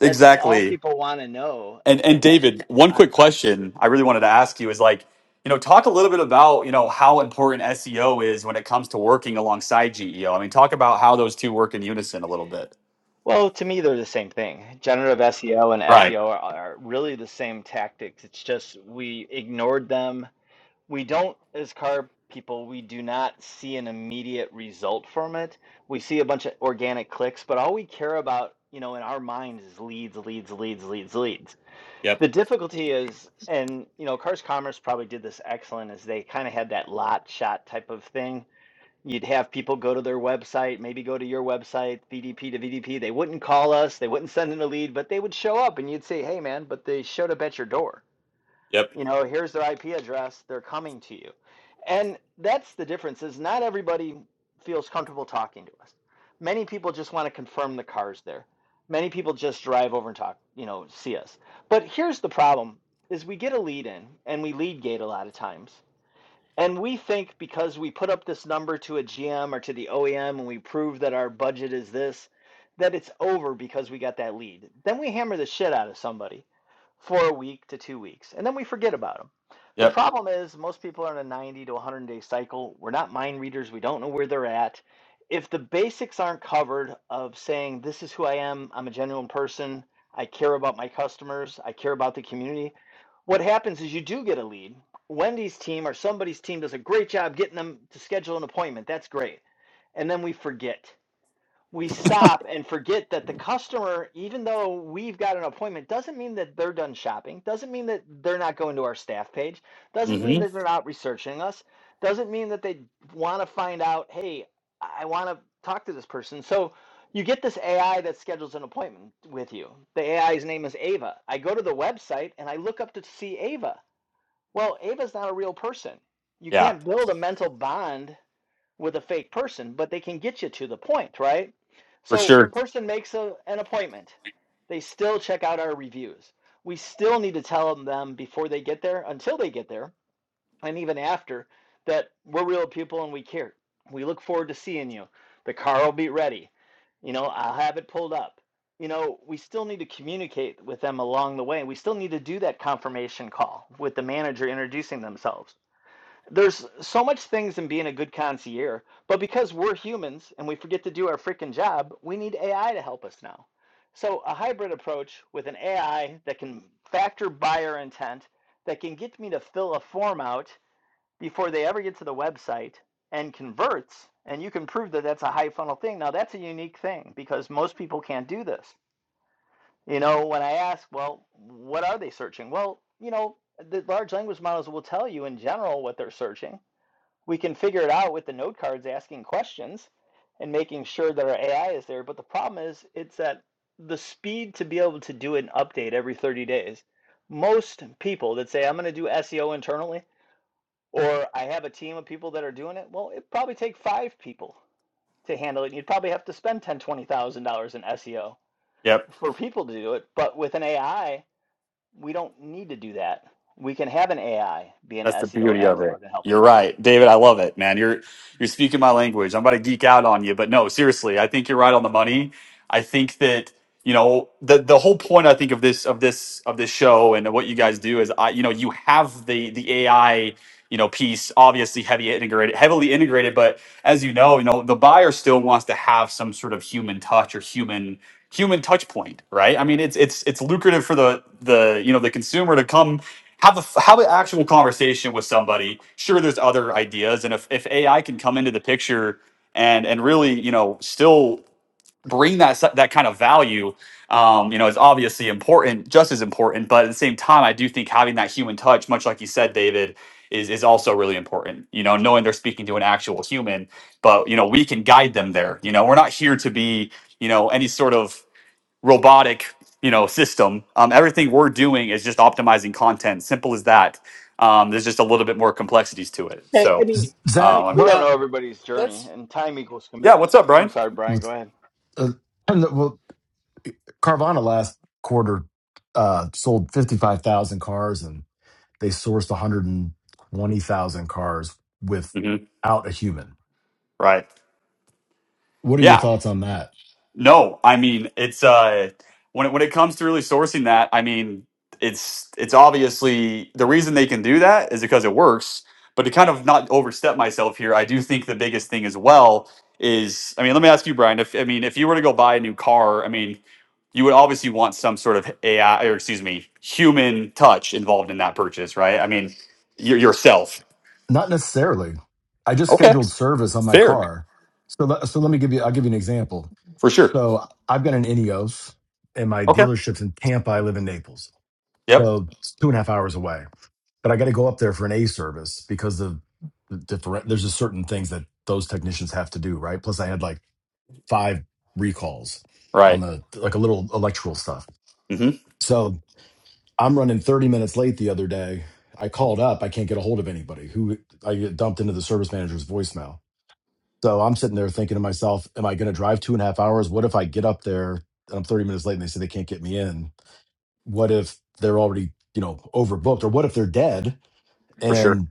That's all Exactly. people want to know And and and that David, one on it. quick question I really wanted to ask you is like, you know, talk a little bit about, you know, how important SEO is when it comes to working alongside GEO. I mean, talk about how those two work in unison a little bit. Well, to me they're the same thing. Generative SEO and Right. SEO are, are really the same tactics. It's just we ignored them we don't as carb people we do not see an immediate result from it we see a bunch of organic clicks but all we care about you know in our minds is leads leads leads leads leads Yep. the difficulty is and you know cars commerce probably did this excellent is they kind of had that lot shot type of thing you'd have people go to their website maybe go to your website vdp to vdp they wouldn't call us they wouldn't send in a lead but they would show up and you'd say hey man but they showed up at your door Yep. you know here's their ip address they're coming to you and that's the difference is not everybody feels comfortable talking to us many people just want to confirm the cars there many people just drive over and talk you know see us but here's the problem is we get a lead in and we lead gate a lot of times and we think because we put up this number to a gm or to the oem and we prove that our budget is this that it's over because we got that lead then we hammer the shit out of somebody for a week to two weeks, and then we forget about them. The Yep. problem is most people are in a 90 to 100 day cycle. We're not mind readers. We don't know where they're at. If the basics aren't covered of saying, this is who I am, I'm a genuine person, I care about my customers, I care about the community, what happens is you do get a lead. Wendy's team or somebody's team does a great job getting them to schedule an appointment. That's great. And then we forget we stop and forget that the customer, even though we've got an appointment, doesn't mean that they're done shopping, doesn't mean that they're not going to our staff page, doesn't mean Mhm. that they're not researching us, doesn't mean that they want to find out, hey, I want to talk to this person. So you get this AI that schedules an appointment with you. The AI's name is Ava. I go to the website and I look up to see Ava. Well, Ava's not a real person. You Yeah, can't build a mental bond with a fake person, but they can get you to the point, right? for So, sure. person makes a, an appointment. They still check out our reviews. We still need to tell them before they get there, until they get there, and even after, that we're real people and we care. We look forward to seeing you. The car will be ready. You know, I'll have it pulled up. You know, we still need to communicate with them along the way. We still need to do that confirmation call with the manager introducing themselves there's so much things in being a good concierge, but because we're humans and we forget to do our freaking job, we need AI to help us now. So a hybrid approach with an AI that can factor buyer intent, that can get me to fill a form out before they ever get to the website and converts, and you can prove that that's a high funnel thing. Now that's a unique thing because most people can't do this. You know, when I ask, well, what are they searching? Well, you know, the large language models will tell you in general what they're searching we can figure it out with the node cards asking questions and making sure that our AI is there. But the problem is, it's that the speed to be able to do an update every 30 days. Most people that say, I'm going to do SEO internally, or I have a team of people that are doing it, well, it'd probably take five people to handle it. You'd probably have to spend ten, thousand dollars, twenty thousand dollars in SEO Yep. for people to do it. But with an AI, we don't need to do that. We can have an AI be an That's the SEO beauty of it. expert and help us. You're right, David. I love it, man. You're you're speaking my language. I'm about to geek out on you, but no, seriously, I think you're right on the money. I think that you know the the whole point. I think of this of this of this show and what you guys do is I you know you have the the AI you know piece obviously heavy integrated heavily integrated, but as you know, you know the buyer still wants to have some sort of human touch or human human touch point, right? I mean, it's it's it's lucrative for the the you know the consumer to come have a have an actual conversation with somebody. Sure, there's other ideas, and if, if AI can come into the picture and and really you know still bring that s- that kind of value, um, you know, is obviously important, just as important. But at the same time, I do think having that human touch, much like you said, David. Is, is also really important, you know, knowing they're speaking to an actual human, but you know, we can guide them there. You know, we're not here to be, you know, any sort of robotic you know system um, everything we're doing is just optimizing content simple as that um, there's just a little bit more complexities to it Hey, I so mean, Zach, we, we um, what don't Uh, know everybody's journey, let's and time equals yeah commitment. what's up I'm brian sorry, Brian, was go ahead. uh, and the- well, Carvana last quarter uh, sold fifty five thousand cars, and they sourced one hundred and twenty thousand cars hmm without a human. right What are your yeah thoughts on that? no i mean it's uh when it, when it comes to really sourcing that i mean it's it's obviously the reason they can do that is because it works but to kind of not overstep myself here i do think the biggest thing as well is i mean let me ask you brian if i mean if you were to go buy a new car i mean you would obviously want some sort of AI or excuse me, human touch involved in that purchase, right? I mean, your yourself. Not necessarily. I just Okay, scheduled service on my fair car, so let, so let me give you. I'll give you an example. for sure. So I've got an Ineos, and my Okay. dealership's in Tampa. I live in Naples, Yep. so it's two and a half hours away but I got to go up there for an A service because of the different. There's just certain things that those technicians have to do, right? Plus, I had like five recalls on Right. the like a little electrical stuff. hmm So I'm running 30 minutes late the other day. I called up. I can't get a hold of anybody. Who I get dumped into the service manager's voicemail. So I'm sitting there thinking to myself, am I going to drive two and a half hours? What if I get up there and I'm 30 minutes late and they say they can't get me in? What if they're already, you know, overbooked? Or what if they're dead For and sure.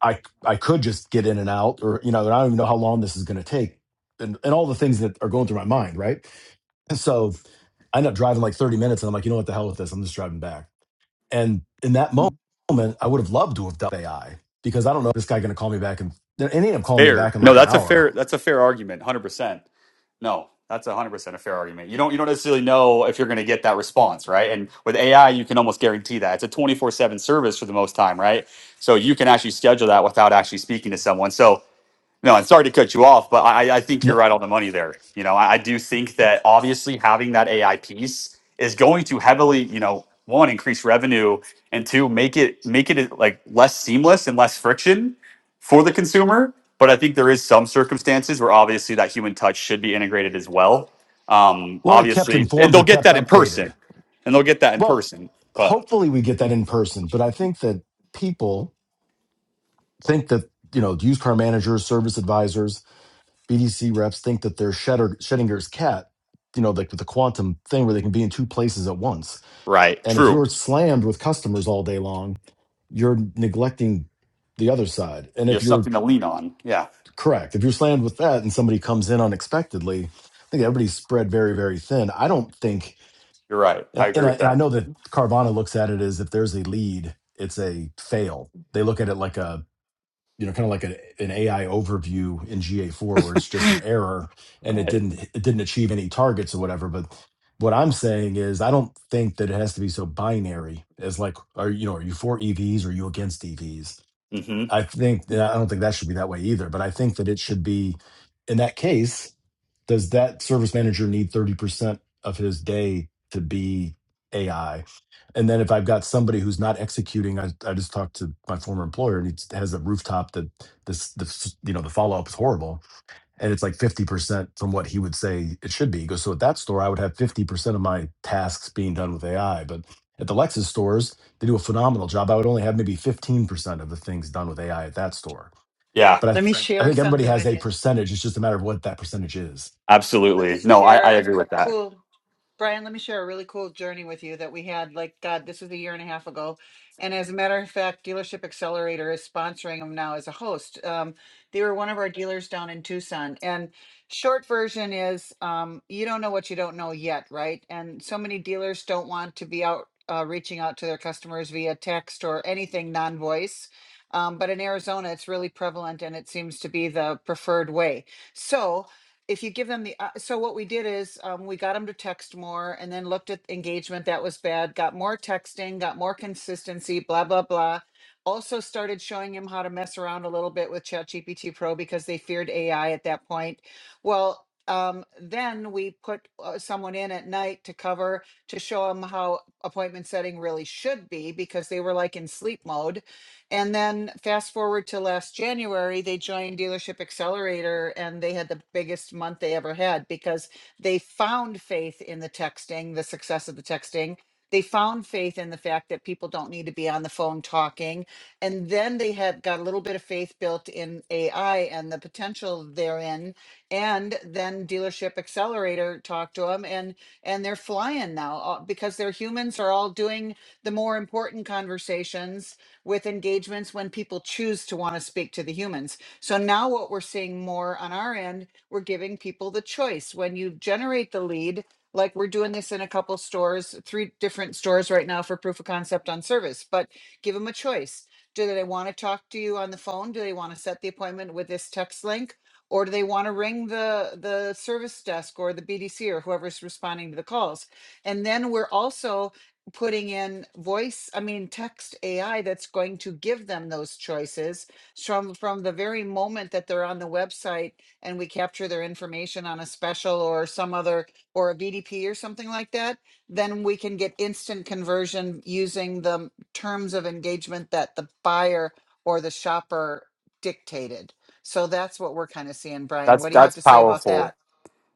I I could just get in and out, or you know, and I don't even know how long this is going to take, and and all the things that are going through my mind, right? And so I end up driving like 30 minutes, and I'm like, you know what, the hell with this, I'm just driving back. And in that moment, I would have loved to have done AI because I don't know if this guy going to call me back, and they ended up calling me back Fair. in No, like an that's a hour. fair. That's a fair argument. Hundred percent. No, that's hundred percent a fair argument. You don't. You don't necessarily know if you're going to get that response, right? And with AI, you can almost guarantee that it's a twenty four seven service for the most time, right? So you can actually schedule that without actually speaking to someone. So No, I'm sorry to cut you off, but I, I think you're No- right on the money there. You know, I, I do think that obviously having that AI piece is going to heavily, you know, one increase revenue and two make it make it like less seamless and less friction for the consumer. But I think there is some circumstances where obviously that human touch should be integrated as well. Um, well, they kept obviously, and informed they'll or get kept that in person, updated. and they'll get that in Well, person. But hopefully we get that in person, but I think that people think that you know used car managers, service advisors BDC reps think that they're Schetter, Schettinger's cat, you know, like with the quantum thing where they can be in two places at once. right, And if you're true, slammed with customers all day long, you're neglecting the other side. And you if have you're something to lean on. Yeah, correct, if you're slammed with that and somebody comes in unexpectedly, I think everybody's spread very, very thin. I don't think, you're right. I agree and I with and I that. know that Carvana looks at it as if there's a lead, it's a fail. They look at it like a you know, kind of like a, an AI overview in GA4 where it's just an error and it Right. didn't it didn't achieve any targets or whatever. But what I'm saying is I don't think that it has to be so binary as like are you know, are you for EVs or are you against EVs? hmm I think I don't think that should be that way either. But I think that it should be in that case, does that service manager need 30% of his day to be AI? And then if I've got somebody who's not executing, I, I just talked to my former employer and he has a rooftop that this, the, f- you know, the follow up is horrible. And it's like 50% from what he would say it should be. He goes, so at that store, I would have 50% of my tasks being done with AI. But at the Lexus stores, they do a phenomenal job. I would only have maybe 15% of the things done with AI at that store. Yeah. But I, let me I share think everybody something has with a you. percentage. It's just a matter of what that percentage is. Let me Absolutely. No, I, I share a agree c- with that. cool. Brian, let me share a really cool journey with you that we had. Like, God, this was a year and a half ago. And as a matter of fact, Dealership Accelerator is sponsoring them now as a host. Um, they were one of our dealers down in Tucson. And short version is um, you don't know what you don't know yet, right? And so many dealers don't want to be out uh, reaching out to their customers via text or anything non voice. Um, but in Arizona, it's really prevalent and it seems to be the preferred way. So, if you give them the op- so what we did is um, we got them to text more and then looked at engagement that was bad got more texting got more consistency blah blah blah also started showing him how to mess around a little bit with ChatGPT Pro because they feared AI at that point. Well, um, then we put uh, someone in at night to cover to show him how appointment setting really should be because they were like in sleep mode and then fast forward to last January, they joined Dealership Accelerator and they had the biggest month they ever had because they found faith in the texting, the success of the texting. They found faith in the fact that people don't need to be on the phone talking. And then they had got a little bit of faith built in AI and the potential therein. And then Dealership Accelerator talked to them and and they're flying now uh, because their humans are all doing the more important conversations with engagements when people choose to want to speak to the humans. So now what we're seeing more on our end, we're giving people the choice. When you generate the lead, like we're doing this in a couple stores, three different stores right now for proof of concept on service, but give them a choice. Do they want to talk to you on the phone? Do they want to set the appointment with this text link? Or do they want to ring the the service desk or the BDC or whoever's responding to the calls? And then we're also putting in voice i mean text ai that's going to give them those choices from from the very moment that they're on the website and we capture their information on a special or some other or a bdp or something like that then we can get instant conversion using the terms of engagement that the buyer or the shopper dictated so that's what we're kind of seeing brian That's what do you have that's to say about powerful. that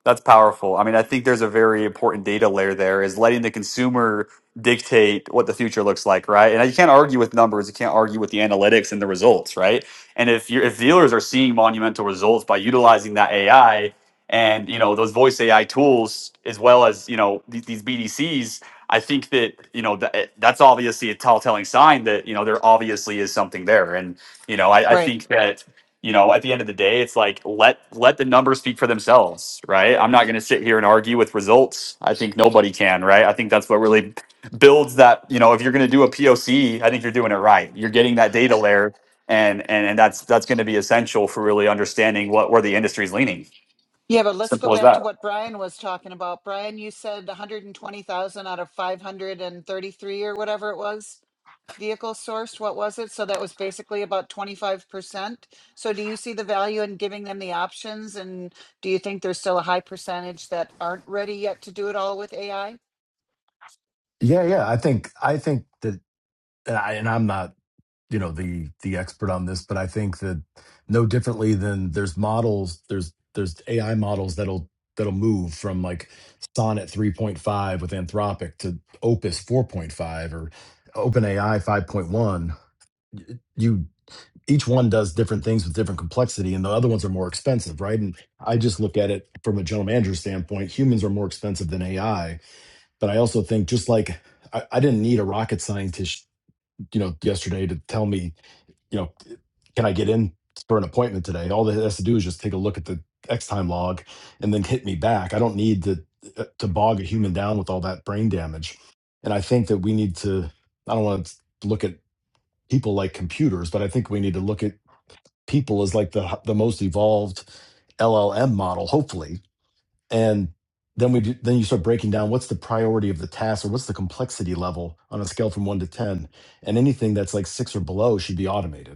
That's powerful. I mean, I think there's a very important data layer there is letting the consumer dictate what the future looks like, right? And you can't argue with numbers, you can't argue with the analytics and the results, right? And if you are if dealers are seeing monumental results by utilizing that AI and you know those voice AI tools as well as you know these, these BDCs, I think that you know that that's obviously a tell telling sign that you know there obviously is something there. And you know, I, I Right. think that you know at the end of the day it's like let let the numbers speak for themselves right i'm not going to sit here and argue with results i think nobody can right i think that's what really builds that you know if you're going to do a poc i think you're doing it right you're getting that data layer and and, and that's that's going to be essential for really understanding what where the industry's leaning Yeah, but let's go simple as back to that what Brian was talking about. Brian, you said 120,000 out of 533 or whatever it was vehicle sourced. What was it? So that was basically about 25%. So do you see the value in giving them the options? And do you think there's still a high percentage that aren't ready yet to do it all with AI? Yeah, yeah. I think, I think that, and, I, and I'm not you know the the expert on this but i think that no differently than there's models there's there's ai models that'll that'll move from like sonnet 3.5 with anthropic to opus 4.5 or openai 5.1 you each one does different things with different complexity and the other ones are more expensive right and i just look at it from a general manager standpoint humans are more expensive than ai but i also think just like i, I didn't need a rocket scientist you know yesterday to tell me you know, can I get in for an appointment today? All it has to do is just take a look at the X time log and then hit me back. I don't need to uh, to bog a human down with all that brain damage. And I think that we need to I don't want to look at people like computers, but I think we need to look at people as like the the most evolved LLM model, hopefully. And then we do, then you start breaking down what's the priority of the task or what's the complexity level on a scale from 1 to 10 and anything that's like 6 or below should be automated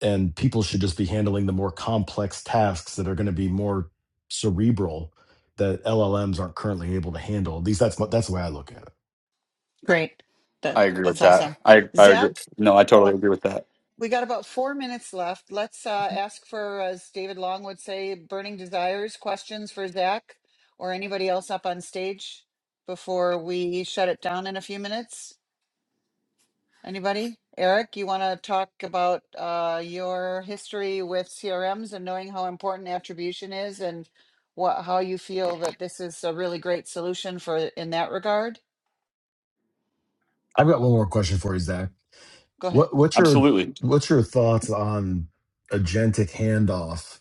and people should just be handling the more complex tasks that are going to be more cerebral that LLMs aren't currently able to handle. At least that's what- that's the way I look at it. Great. That, i agree with that's that awesome. i i agree Zach, no i um, totally agree with that We got about four minutes left. Let's uh, ask for, as David Long would say, burning desires, questions for Zach or anybody else up on stage before we shut it down in a few minutes. Anybody? Eric, you want to talk about uh, your history with CRMs and knowing how important attribution is and what how you feel that this is a really great solution for in that regard? I've got one more question for you, Zach. Go ahead. What what's your absolutely what's your thoughts on agentic handoff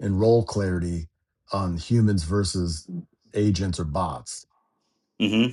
and role clarity on humans versus agents or bots? hmm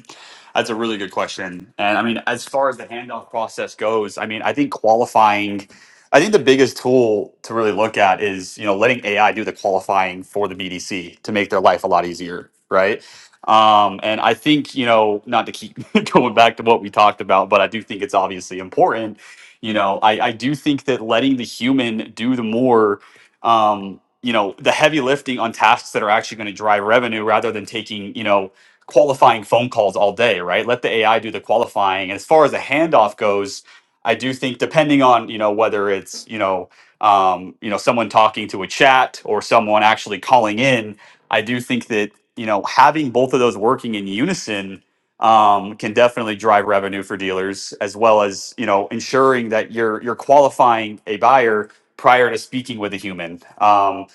That's a really good question. And I mean, as far as the handoff process goes, I mean, I think qualifying, I think the biggest tool to really look at is, you know, letting AI do the qualifying for the BDC to make their life a lot easier, right? Um, and I think, you know, not to keep *laughs* going back to what we talked about, but I do think it's obviously important. You know, I, I do think that letting the human do the more, um, you know, the heavy lifting on tasks that are actually going to drive revenue rather than taking, you know, qualifying phone calls all day, right? Let the AI do the qualifying. And as far as a handoff goes, I do think depending on you know whether it's you know um, you know someone talking to a chat or someone actually calling in, I do think that you know having both of those working in unison um, can definitely drive revenue for dealers as well as you know ensuring that you're you're qualifying a buyer prior to speaking with a human. Um,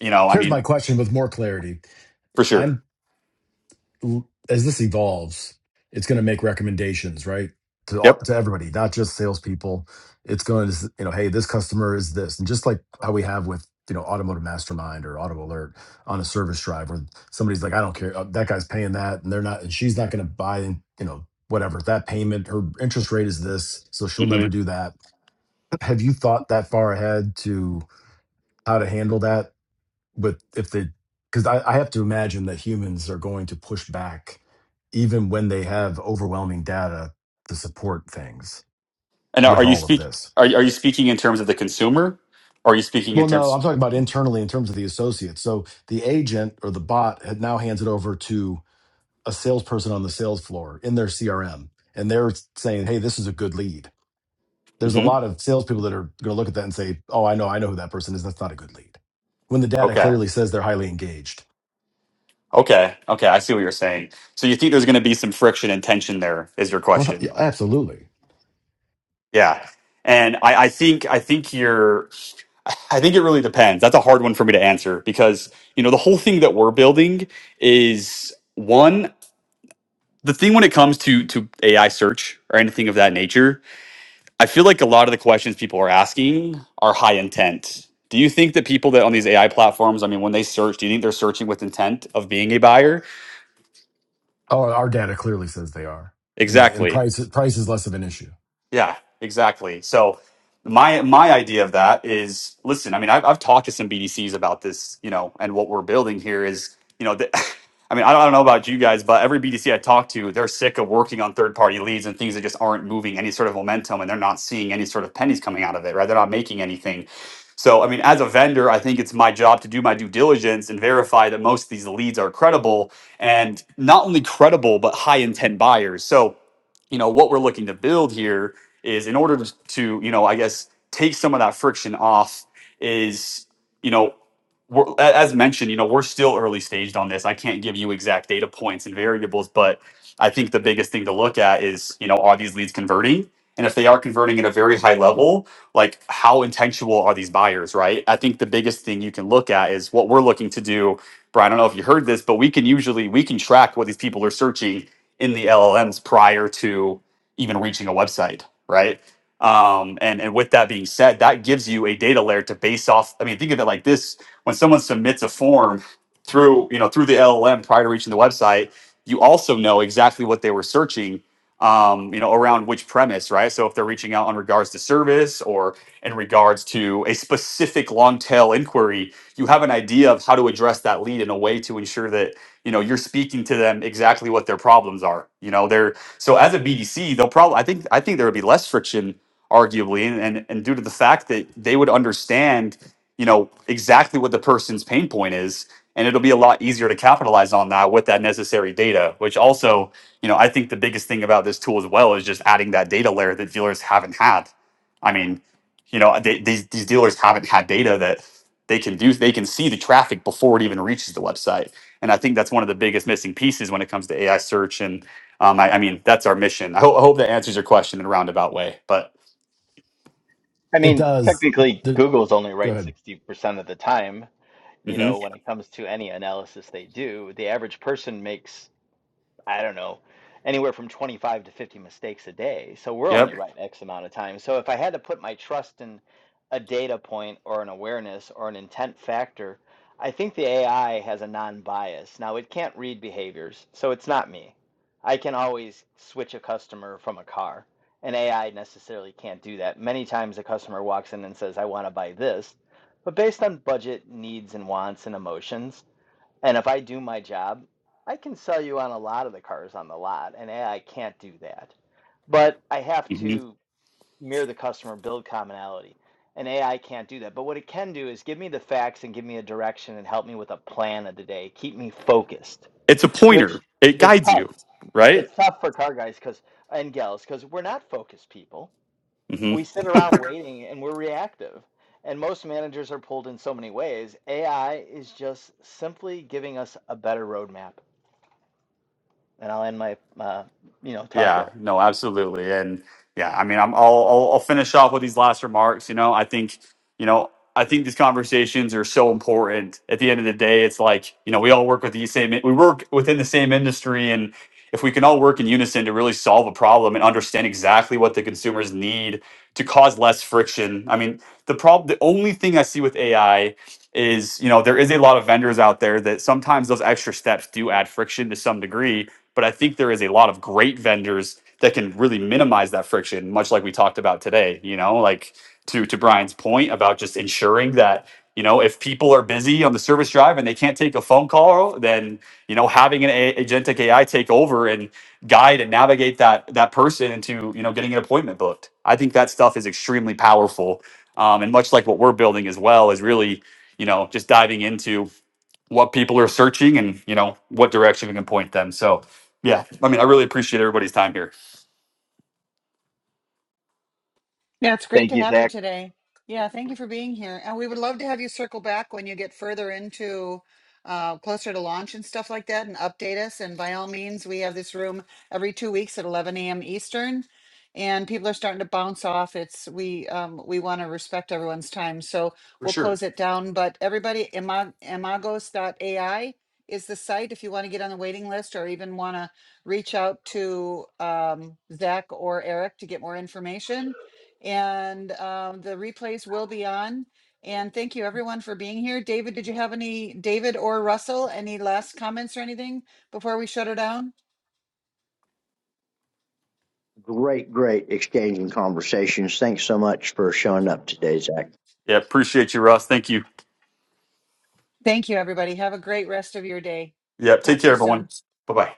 you know, I Here's my mean, question with more clarity. for I'm. sure. as this evolves, it's going to make recommendations, right? To all, Yep. to everybody, not just salespeople. It's going to, s- you know, hey, this customer is this, and just like how we have with you know Automotive Mastermind or Auto Alert on a service drive, where somebody's like, I don't care, uh, that guy's paying that, and they're not, and she's not going to buy, you know, whatever that payment. Her interest rate is this, so she'll never do that. Have you thought that far ahead to how to handle that? but if they because I, I have to imagine that humans are going to push back even when they have overwhelming data to support things And are with are you all of speak this are are you speaking in terms of the consumer? Or are you speaking in well no terms? i'm talking about internally in terms of the associates so the agent or the bot had now hands it over to a salesperson on the sales floor in their crm and they're saying hey this is a good lead there's a Mhm. lot of salespeople that are going to look at that and say oh i know i know who that person is that's not a good lead when the data Okay. clearly says they're highly engaged Okay. Okay. I see what you're saying. So you think there's going to be some friction and tension there? Is your well, yeah, question? absolutely Yeah. And I, I think I think you're. I think it really depends. That's a hard one for me to answer because you know the whole thing that we're building is one the thing when it comes to to AI search or anything of that nature I feel like a lot of the questions people are asking are high intent. Do you think that people that on these AI platforms, I mean, when they search, do you think they're searching with intent of being a buyer? Oh, our data clearly says they are, and they and Exactly. price price is less of an issue. Yeah, exactly. So my my idea of that is, listen, I mean, I've, I've talked to some BDCs about this, you know, and what we're building here is, you know, the, *laughs* I mean, I don't, I don't know about you guys, but every BDC I talk to, they're sick of working on third party leads and things that just aren't moving any sort of momentum, and they're not seeing any sort of pennies coming out of it, right? They're not making anything. So, I mean, as a vendor, I think it's my job to do my due diligence and verify that most of these leads are credible and not only credible, but high intent buyers. So, you know, what we're looking to build here is in order to, to you know i guess take some of that friction off is you know we're, a- as mentioned you know we're still early staged on this i can't give you exact data points and variables but i think the biggest thing to look at is you know are these leads converting and if they are converting at a very high level like how intentional are these buyers right i think the biggest thing you can look at is what we're looking to do brian i don't know if you heard this but we can usually we can track what these people are searching in the llms prior to even reaching a website right? Um, and and with that being said, that gives you a data layer to base off. I mean, think of it like this: when someone submits a form through you know through the LLM prior to reaching the website, you also know exactly what they were searching. Um, you know, around which premise, right? So if they're reaching out on regards to service or in regards to a specific long tail inquiry, you have an idea of how to address that lead in a way to ensure that you know you're speaking to them exactly what their problems are. You know, they're. So as a BDC, they'll probably I think I think there would be less friction, arguably, and and, and due to the fact that they would understand, you know, exactly what the person's pain point is. And it'll be a lot easier to capitalize on that with that necessary data, which also, you know, I think the biggest thing about this tool as well is just adding that data layer that dealers haven't had. I mean, you know, they, these, these dealers haven't had data that they can do, they can see the traffic before it even reaches the website. And I think that's one of the biggest missing pieces when it comes to AI search and. Um, I, I mean, that's our mission. I, ho- I hope that answers your question in a roundabout way. But I It mean, does. technically, The, Google's only go right ahead. 60% of the time. You hmm know, when it comes to any analysis they do, the average person makes I don't know, anywhere from 25 to 50 mistakes a day. So we're yep, only right X amount of time. So if I had to put my trust in a data point or an awareness or an intent factor, I think the AI has a non bias. Now, it can't read behaviors, so it's not me. I can always switch a customer from a car. An AI necessarily can't do that. Many times a customer walks in and says, I want to buy this. But based on budget, needs, and wants and emotions, and if I do my job, I can sell you on a lot of the cars on the lot, and AI can't do that. But I have hmm to mirror the customer, build commonality, and AI can't do that. But what it can do is give me the facts and give me a direction and help me with a plan of the day, keep me focused, it's a which pointer. It is guides tough. you, right? It's tough for car guys because and gals because we're not focused people Mm-hmm. we sit around waiting and we're reactive. And most managers are pulled in so many ways. AI is just simply giving us a better roadmap. And I'll end my, uh, you know, talk Yeah, there. no, absolutely. And yeah, I mean, I'm, I'll, I'll, I'll finish off with these last remarks. You know, I think, you know, I think these conversations are so important. At the end of the day, it's like, you know, we all work with the same, we work within the same industry. And if we can all work in unison to really solve a problem and understand exactly what the consumers need to cause less friction. I mean, the problem, the only thing I see with AI is, you know, there is a lot of vendors out there that sometimes those extra steps do add friction to some degree but I think there is a lot of great vendors that can really minimize that friction, much like we talked about today. You know, like to to Brian's point about just ensuring that you know if people are busy on the service drive and they can't take a phone call, then you know having an a- agentic AI take over and guide and navigate that that person into you know getting an appointment booked. I think that stuff is extremely powerful, um, and much like what we're building as well is really you know just diving into what people are searching and you know what direction we can point them. So yeah, I mean, I really appreciate everybody's time here. Yeah, it's great Thank to you, have you Zach. today. Yeah, thank you for being here. And we would love to have you circle back when you get further into uh, closer to launch and stuff like that and update us. And by all means, we have this room every two weeks at 11 a.m. Eastern. And people are starting to bounce off. It's we um, we want to respect everyone's time, so For we'll sure. close it down. But everybody, imag- AI is the site if you want to get on the waiting list or even want to reach out to um, Zach or Eric to get more information and um, the replays will be on. And thank you everyone for being here. David, did you have any, David or Russell, any last comments or anything before we shut her down? Great, great exchange and conversations. Thanks so much for showing up today, Zach. Yeah, appreciate you, Russ. Thank you. Thank you, everybody. Have a great rest of your day. Yeah, take Talk to care, you soon. everyone. Bye bye.